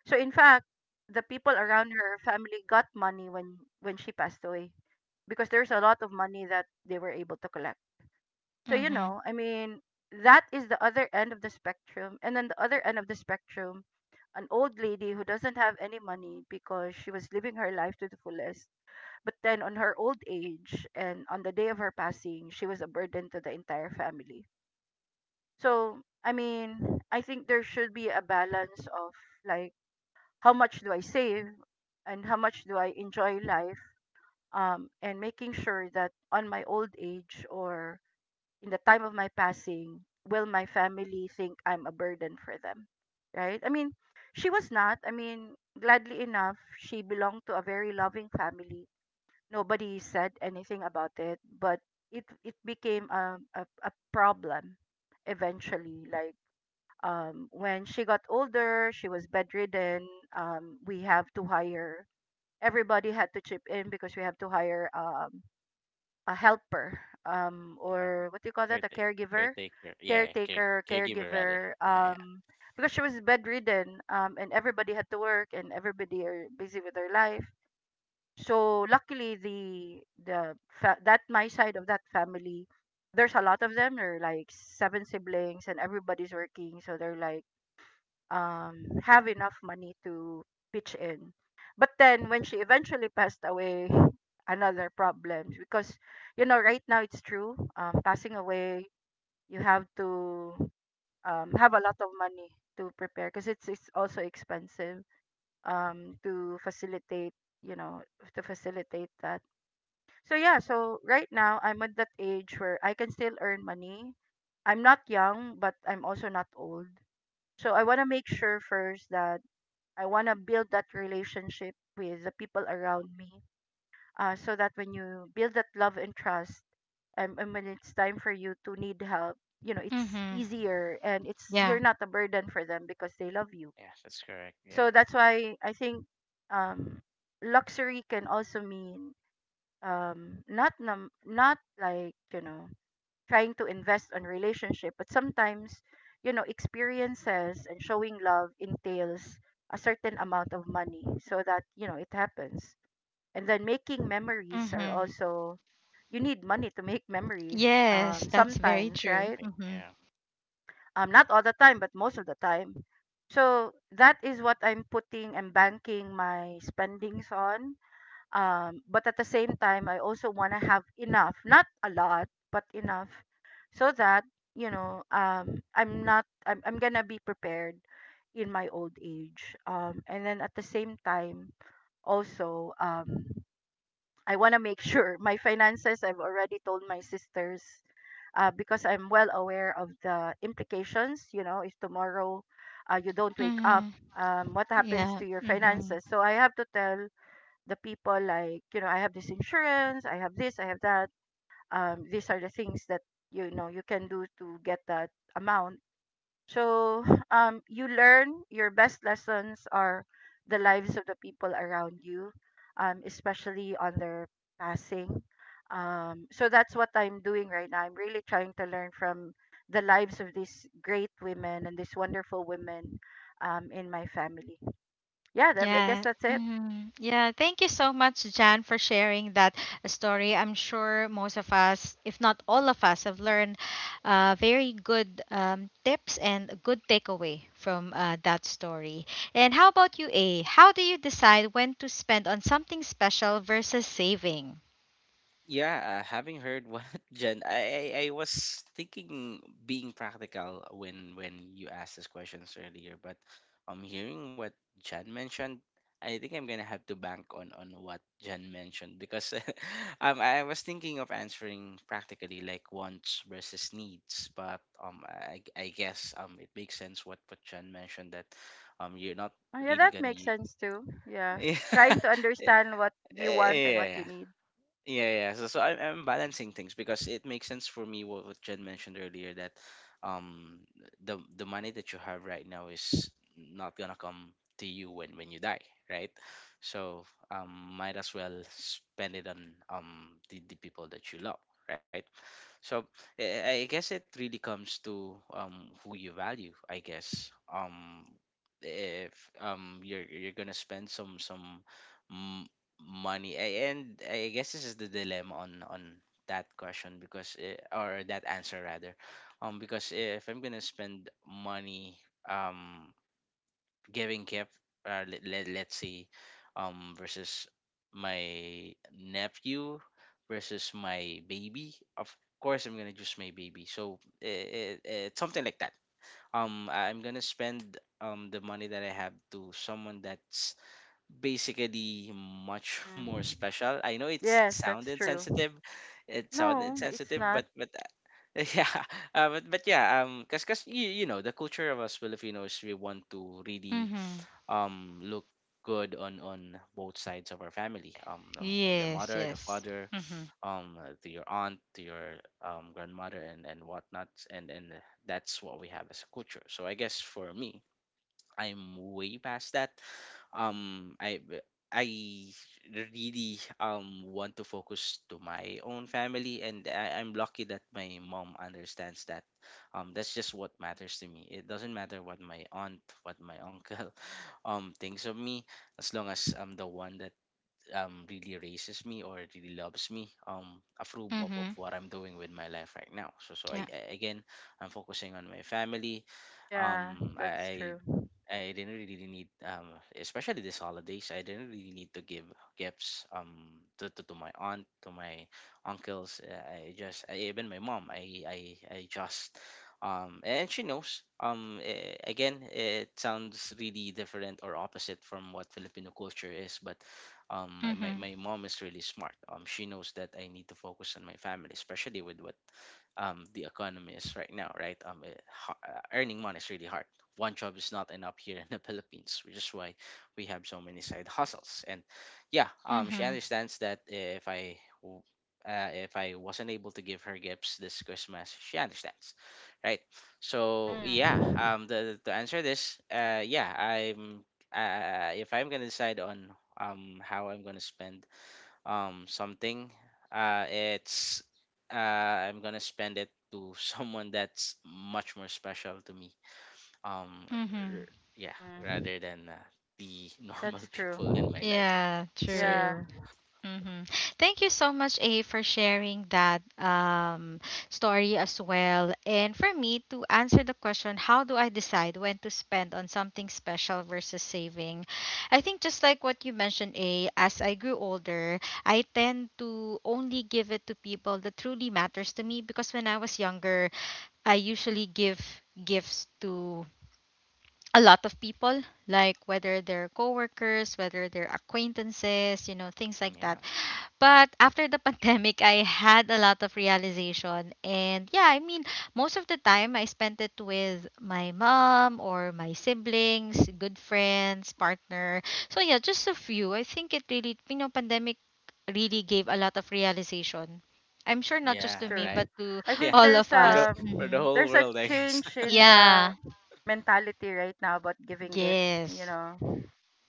B: So in fact, the people around her family got money when she passed away because there's a lot of money that they were able to collect. So, you know,
A: Mhm.
B: I mean, that is the other end of the spectrum. And then the other end of the spectrum, an old lady who doesn't have any money because she was living her life to the fullest. But then on her old age and on the day of her passing, she was a burden to the entire family. So, I mean, I think there should be a balance of, like, how much do I save and how much do I enjoy life? And making sure that on my old age or in the time of my passing, will my family think I'm a burden for them? Right? I mean, she was not. I mean, gladly enough, she belonged to a very loving family. Nobody said anything about it, but it became a problem eventually. Like when she got older, she was bedridden. We have to hire Everybody had to chip in because we have to hire a helper,
C: Yeah.
B: or what do you call that, a
C: Caretaker.
B: caregiver,
C: Caretaker. Yeah.
B: caretaker,
C: Caregiver rather.
B: caregiver,
C: Yeah, yeah.
B: because she was bedridden. And everybody had to work and everybody are busy with their life, so luckily, the that my side of that family, there's a lot of them, there are like 7 siblings and everybody's working, so they're like, have enough money to pitch in. But then when she eventually passed away, another problem because, you know, right now it's true, passing away, you have to have a lot of money to prepare because it's also expensive, um, to facilitate you know to facilitate that. So yeah, so right now I'm at that age where I can still earn money. I'm not young, but I'm also not old. So I want to make sure first that I want to build that relationship with the people around me, so that when you build that love and trust, and when it's time for you to need help, you know, it's
A: Mhm.
B: easier, and it's you're
A: Yeah.
B: not a burden for them because they love you.
C: Yeah, that's correct. Yeah.
B: So that's why I think um, luxury can also mean not not, like, you know, trying to invest on relationship, but sometimes, you know, experiences and showing love entails a certain amount of money so that, you know, it happens. And then making memories are
A: Mhm.
B: also, you need money to make memories,
A: Yes, that's very
B: sometimes,
A: true.
B: right?
C: Exactly.
A: Mhm.
C: Yeah.
B: Not all the time, but most of the time. So that is what I'm putting and banking my spendings on. But at the same time, I also want to have enough, not a lot, but enough, so that, you know, I'm not, I'm going to be prepared in my old age. And then at the same time, also, I want to make sure my finances, I've already told my sisters because I'm well aware of the implications. You know, if tomorrow you don't wake up,
A: Mhm.
B: what happens
A: Yeah.
B: to your
A: Mhm.
B: finances? So I have to tell the people, like, you know, I have this insurance, I have this, I have that. These are the things that you can do to get that amount. So you learn, your best lessons are the lives of the people around you, um, especially on their passing. So that's what I'm doing right now. I'm really trying to learn from the lives of these great women and these wonderful women, um, in my family. Yeah, that, I guess
A: Yeah.
B: that's it.
A: Hmm. Yeah. Thank you so much, Jan, for sharing that story. I'm sure most of us, if not all of us, have learned very good tips and a good takeaway from that story. And how about you, A? How do you decide when to spend on something special versus saving?
C: Yeah, Having heard what Jen, I was thinking being practical when you asked these questions earlier, but hearing what Jen mentioned, I think I'm gonna have to bank on what Jen mentioned because I was thinking of answering practically, like wants versus needs, but I guess it makes sense what Jen mentioned, that you're not
B: Oh, yeah,
C: really
B: that
C: gonna
B: makes sense too. Yeah.
C: yeah,
B: Trying to understand what you
C: yeah,
B: want and what you
C: yeah.
B: need.
C: Yeah, yeah. So I'm balancing things because it makes sense for me what Jen mentioned earlier, that um the money that you have right now is not gonna come to you when you die, right? So might as well spend it on the people that you love, right? So I guess it really comes to who you value, I guess. If you're gonna spend some m- money and I guess this is the dilemma on that question, because or that answer rather. Because if I'm gonna spend money um giving gift, let's see, versus my nephew versus my baby. Of course I'm gonna choose my baby, so it's something like that. Am gonna spend the money that I have to someone that's basically much more
B: Mm.
C: special. I know it's
B: Yes,
C: sound
B: that's true.
C: insensitive, it sound
B: No, it's
C: insensitive, but
B: not.
C: yeah. But yeah, cause because you know the culture of us Filipinos, we want to really
A: Mm-hmm.
C: look good on both sides of our family, the
A: Yes.
C: mother, the
A: Yes.
C: father,
A: Mm-hmm.
C: to your aunt, to your grandmother, and whatnot, and that's what we have as a culture. So I guess for me, I'm way past that. Um, I I really want to focus to my own family, and I'm lucky that my mom understands that. That's just what matters to me. It doesn't matter what my aunt, what my uncle, thinks of me, as long as I'm the one that really raises me or really loves me, approve of
A: Mm-hmm.
C: what I'm doing with my life right now. So so
A: Yeah.
C: I again, I'm focusing on my family.
B: Yeah,
C: um I,
B: that's
C: I
B: true.
C: I didn't really need, especially this holidays, I didn't really need to give gifts to my aunt, to my uncles. I just, I, even my mom, I just, and she knows. Again, it sounds really different or opposite from what Filipino culture is, but
A: Mm-hmm.
C: my mom is really smart. She knows that I need to focus on my family, especially with what the economy is right now, right? Earning money is really hard. One job is not enough here in the Philippines, which is why we have so many side hustles. And yeah, she
A: Mm-hmm.
C: understands that if w- if I wasn't able to give her gifts this Christmas, she understands, right? So yeah,
B: Mm.
C: to answer this, yeah, I'm if I'm gonna decide on how I'm gonna spend something, it's I'm gonna spend it to someone that's much more special to me, um
A: Mm-hmm.
C: r- yeah,
B: Mm.
C: rather than the normal
B: That's
C: people in my
B: true.
C: life.
A: Yeah.
C: So yeah,
B: Yeah,
A: True. Mm-hmm. Thank you so much, A, for sharing that story as well. And for me to answer the question, how do I decide when to spend on something special versus saving? I think just like what you mentioned, A, as I grew older, I tend to only give it to people that truly matters to me because when I was younger, I usually give gifts to a lot of people, like whether they're coworkers, whether they're acquaintances, you know, things like that.
C: yeah. Mhm.
A: But after the pandemic, I had a lot of realization. And yeah, I mean, most of the time I spent it with my mom or my siblings, good friends, partner. So yeah, just a few. I think it really, you know, pandemic really gave a lot of realization. I'm sure not just
C: Yeah,
B: that's
A: to me,
C: right.
A: but
B: true.
A: to
B: I think
C: Yeah,
A: all of
C: for the
A: us.
C: for the
A: Hmm.
C: whole
B: there's a
C: world, I guess.
B: change in the
A: Yeah,
B: mentality right now about giving gifts, you
A: yes.
B: know.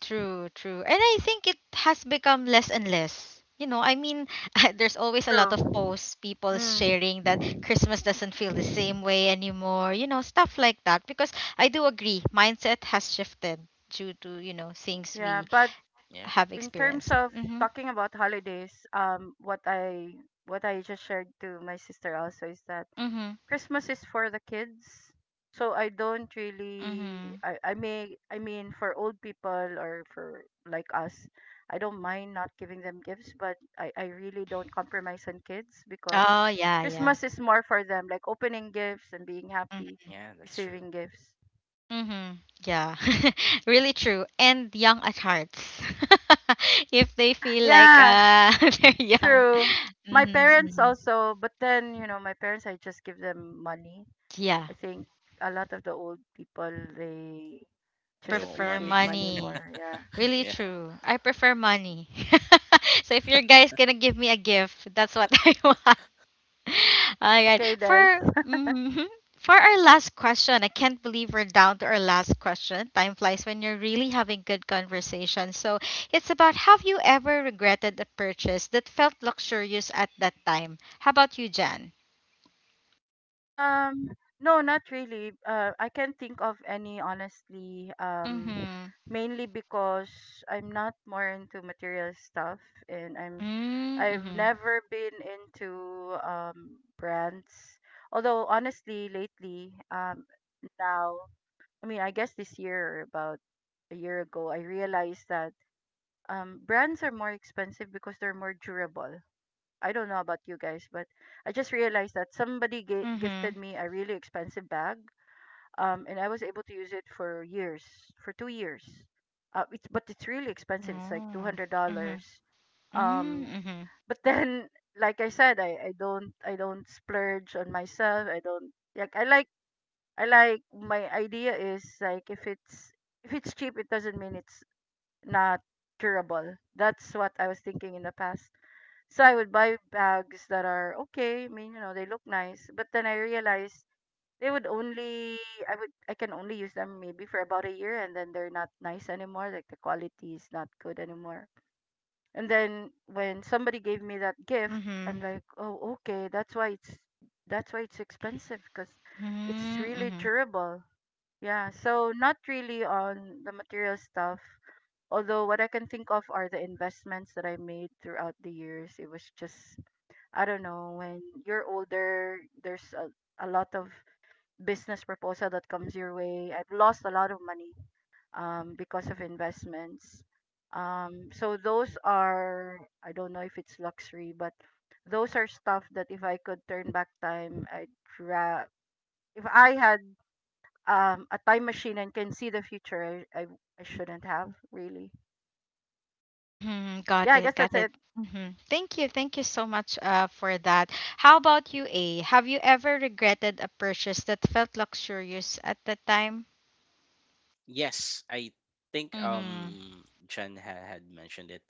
A: True, true. And I think it has become less and less. There's always a lot
B: True.
A: of posts, people
B: Mm.
A: sharing that Christmas doesn't feel the same way anymore, stuff like that. Because I do agree, mindset has shifted due to, things
B: Yeah,
A: we
B: but
C: Yeah,
A: have
B: in terms
A: experienced.
B: of
A: Mm-hmm.
B: talking about holidays, what I just shared to my sister also is that
A: Mm-hmm.
B: Christmas is for the kids. So I don't really
A: Mm-hmm.
B: I may, I mean, for old people or for like us, I don't mind not giving them gifts, but I really don't compromise on kids because
A: Oh, yeah, yeah.
B: Christmas is more for them, like opening gifts and being
A: Mm,
B: happy,
C: yeah, that's true.
B: receiving gifts.
A: mm-hmm. Yeah. Really true. And young at hearts. If they feel like
B: Yeah.
A: they're young.
B: True. My
A: Mm-hmm,
B: parents
A: mm-hmm.
B: also, but then, you know, my parents, I just give them money.
A: Yeah,
B: I think a lot of the old people, they
C: They
B: just
C: want
A: prefer
B: appreciate
C: money.
B: money
A: money.
B: more. Yeah.
A: Really
C: Yeah.
A: true. I prefer money. So if your guys gonna give me a gift, that's what I want. All right.
B: Okay, Des.
A: For for our last question, I can't believe we're down to our last question. Time flies when you're really having good conversation. So it's about have you ever regretted a purchase that felt luxurious at that time? How about you, Jan?
B: Um, no, not really. I can't think of any, honestly.
A: Mm-hmm.
B: Mainly because I'm not more into material stuff, and I'm, I've
A: Mm-hmm.
B: never been into brands. Although honestly, lately, now. I mean, I guess this year, or about a year ago, I realized that brands are more expensive because they're more durable. I don't know about you guys, but I just realized that somebody
A: Mm-hmm.
B: gifted me a really expensive bag, and I was able to use it for years, for 2 years. It's but it's really expensive. It's like two
A: Mm-hmm.
B: hundred
A: Mm-hmm.
B: dollars. Um,
A: Mm-hmm.
B: but then, like I said, I don't I don't splurge on myself. I don't like I like, my idea is like, if it's cheap, it doesn't mean it's not durable. That's what I was thinking in the past. So I would buy bags that are okay. I mean, you know, they look nice, but then I realized they would only I can only use them maybe for about a year, and then they're not nice anymore. Like the quality is not good anymore. And then when somebody gave me that gift,
A: Mhm.
B: I'm like, oh, okay, that's why it's expensive because it's
A: Mhm.
B: really
A: Mhm.
B: durable. Yeah, so not really on the material stuff. Although what I can think of are the investments that I made throughout the years. It was just, I don't know, when you're older, there's a lot of business proposal that comes your way. I've lost a lot of money because of investments. So those are, I don't know if it's luxury, but those are stuff that if I could turn back time, I'd ra- if I had a time machine and can see the future, I shouldn't have really.
A: Mhm.
B: Yeah,
A: Got
B: I guess
A: it. Got
B: that's
A: it.
B: it.
A: Mhm. Thank you. Thank you so much for that. How about you, A? Have you ever regretted a purchase that felt luxurious at the time?
C: Yes, I think
A: Mhm.
C: Jen ha had mentioned it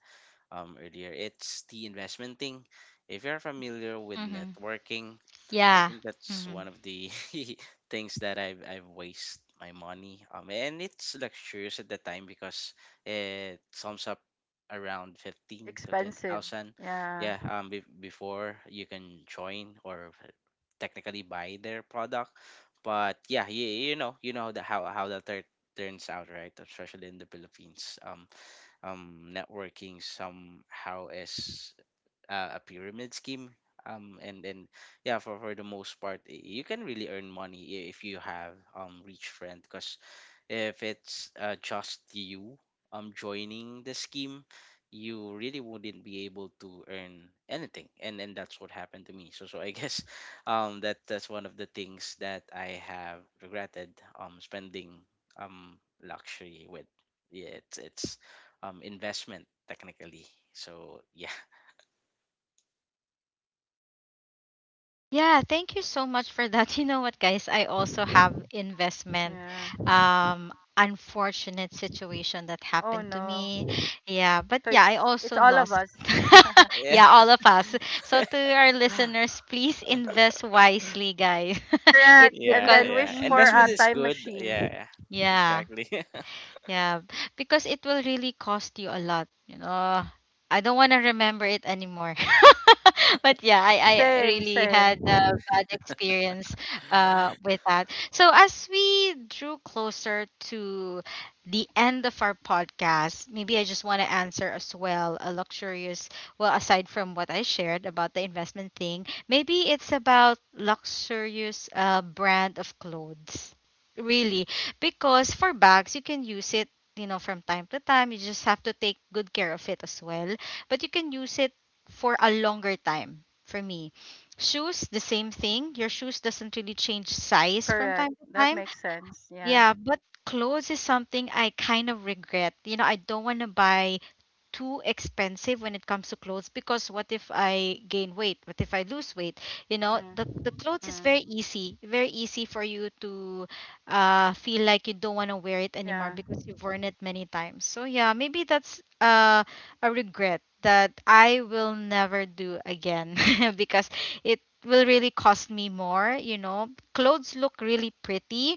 C: earlier. It's the investment thing. If you're familiar with
A: Mhm.
C: networking, I
A: Yeah.
C: think that's one
A: Mhm.
C: of the things that I've wasted my money. And it's luxurious at the time because it sums up around 15 to
B: Expensive.
C: 20,000.
B: Yeah.
C: Yeah, be before you can join or technically buy their product. But yeah, you know, how that turns out, right? Especially in the Philippines, networking somehow is a pyramid scheme. And then yeah, for the most part, you can really earn money if you have rich friend, cause if it's just you joining the scheme, you really wouldn't be able to earn anything, and that's what happened to me. So I guess that's one of the things that I have regretted spending luxury with. Yeah, it's investment technically. So yeah.
A: Yeah, thank you so much for that. You know what, guys? I also have investment
B: Yeah.
A: unfortunate situation that
B: Oh
A: happened to
B: no.
A: me. Yeah, but
B: So
A: yeah, I
B: it's
A: also
B: all of
A: lost.
B: us.
A: Yeah,
C: Yeah,
A: all of us. So to our listeners, please invest wisely, guys.
B: Correct.
A: it
B: And
C: yeah,
A: because
B: then
C: yeah,
B: wish for a
C: investment
A: Mhm.
C: is
B: time
C: good. Yeah,
B: machine.
C: yeah.
A: Yeah.
C: Exactly.
A: Yeah, because it will really cost you a lot, you know. I don't want to remember it anymore. But yeah, I
B: Same,
A: really
B: same.
A: had a bad experience with that. So as we drew closer to the end of our podcast, maybe I just want to answer as well a luxurious, well, aside from what I shared about the investment thing, maybe it's about luxurious brand of clothes really because for bags, you can use it, you know, from time to time. You just have to take good care of it as well. But you can use it for a longer time for me. Shoes, the same thing. Your shoes doesn't really change size from time
B: Correct.
A: to
B: That
A: time.
B: makes sense. Yeah.
A: Yeah, but clothes is something I kind of regret. You know, I don't want to buy too expensive when it comes to clothes because what if I gain weight? What if I lose weight? You know,
B: Mm.
A: the clothes is
B: Mm.
A: very easy for you to feel like you don't want to wear it anymore
B: Yeah.
A: because you've worn it many times. So yeah, maybe that's a regret that I will never do again because it will really cost me more, you know. Clothes look really pretty,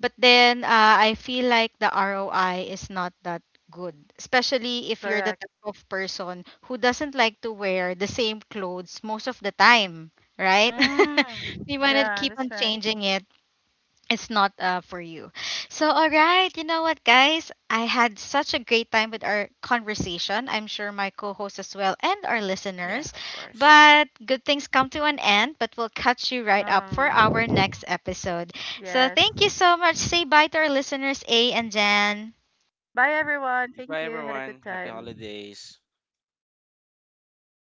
A: but then I feel like the ROI is not that good, especially if you're the
B: Correct.
A: type of person who doesn't like to wear the same clothes most of the time, right?
B: Mm.
A: You want to
B: Yeah,
A: keep
B: that's
A: on
B: right.
A: changing it. It's not for you. So, all right, you know what, guys? I had such a great time with our conversation. I'm sure my co host as well and our
C: Yeah,
A: listeners.
C: of course. Yeah.
A: But good things come to an end, but we'll catch you right up for
B: Um.
A: our next episode. So,
B: Yes.
A: thank you so much. Say bye to our listeners, A and Jan.
B: Bye everyone. Thank
C: Goodbye
B: you. Had a good
C: everyone, happy
B: time.
C: holidays.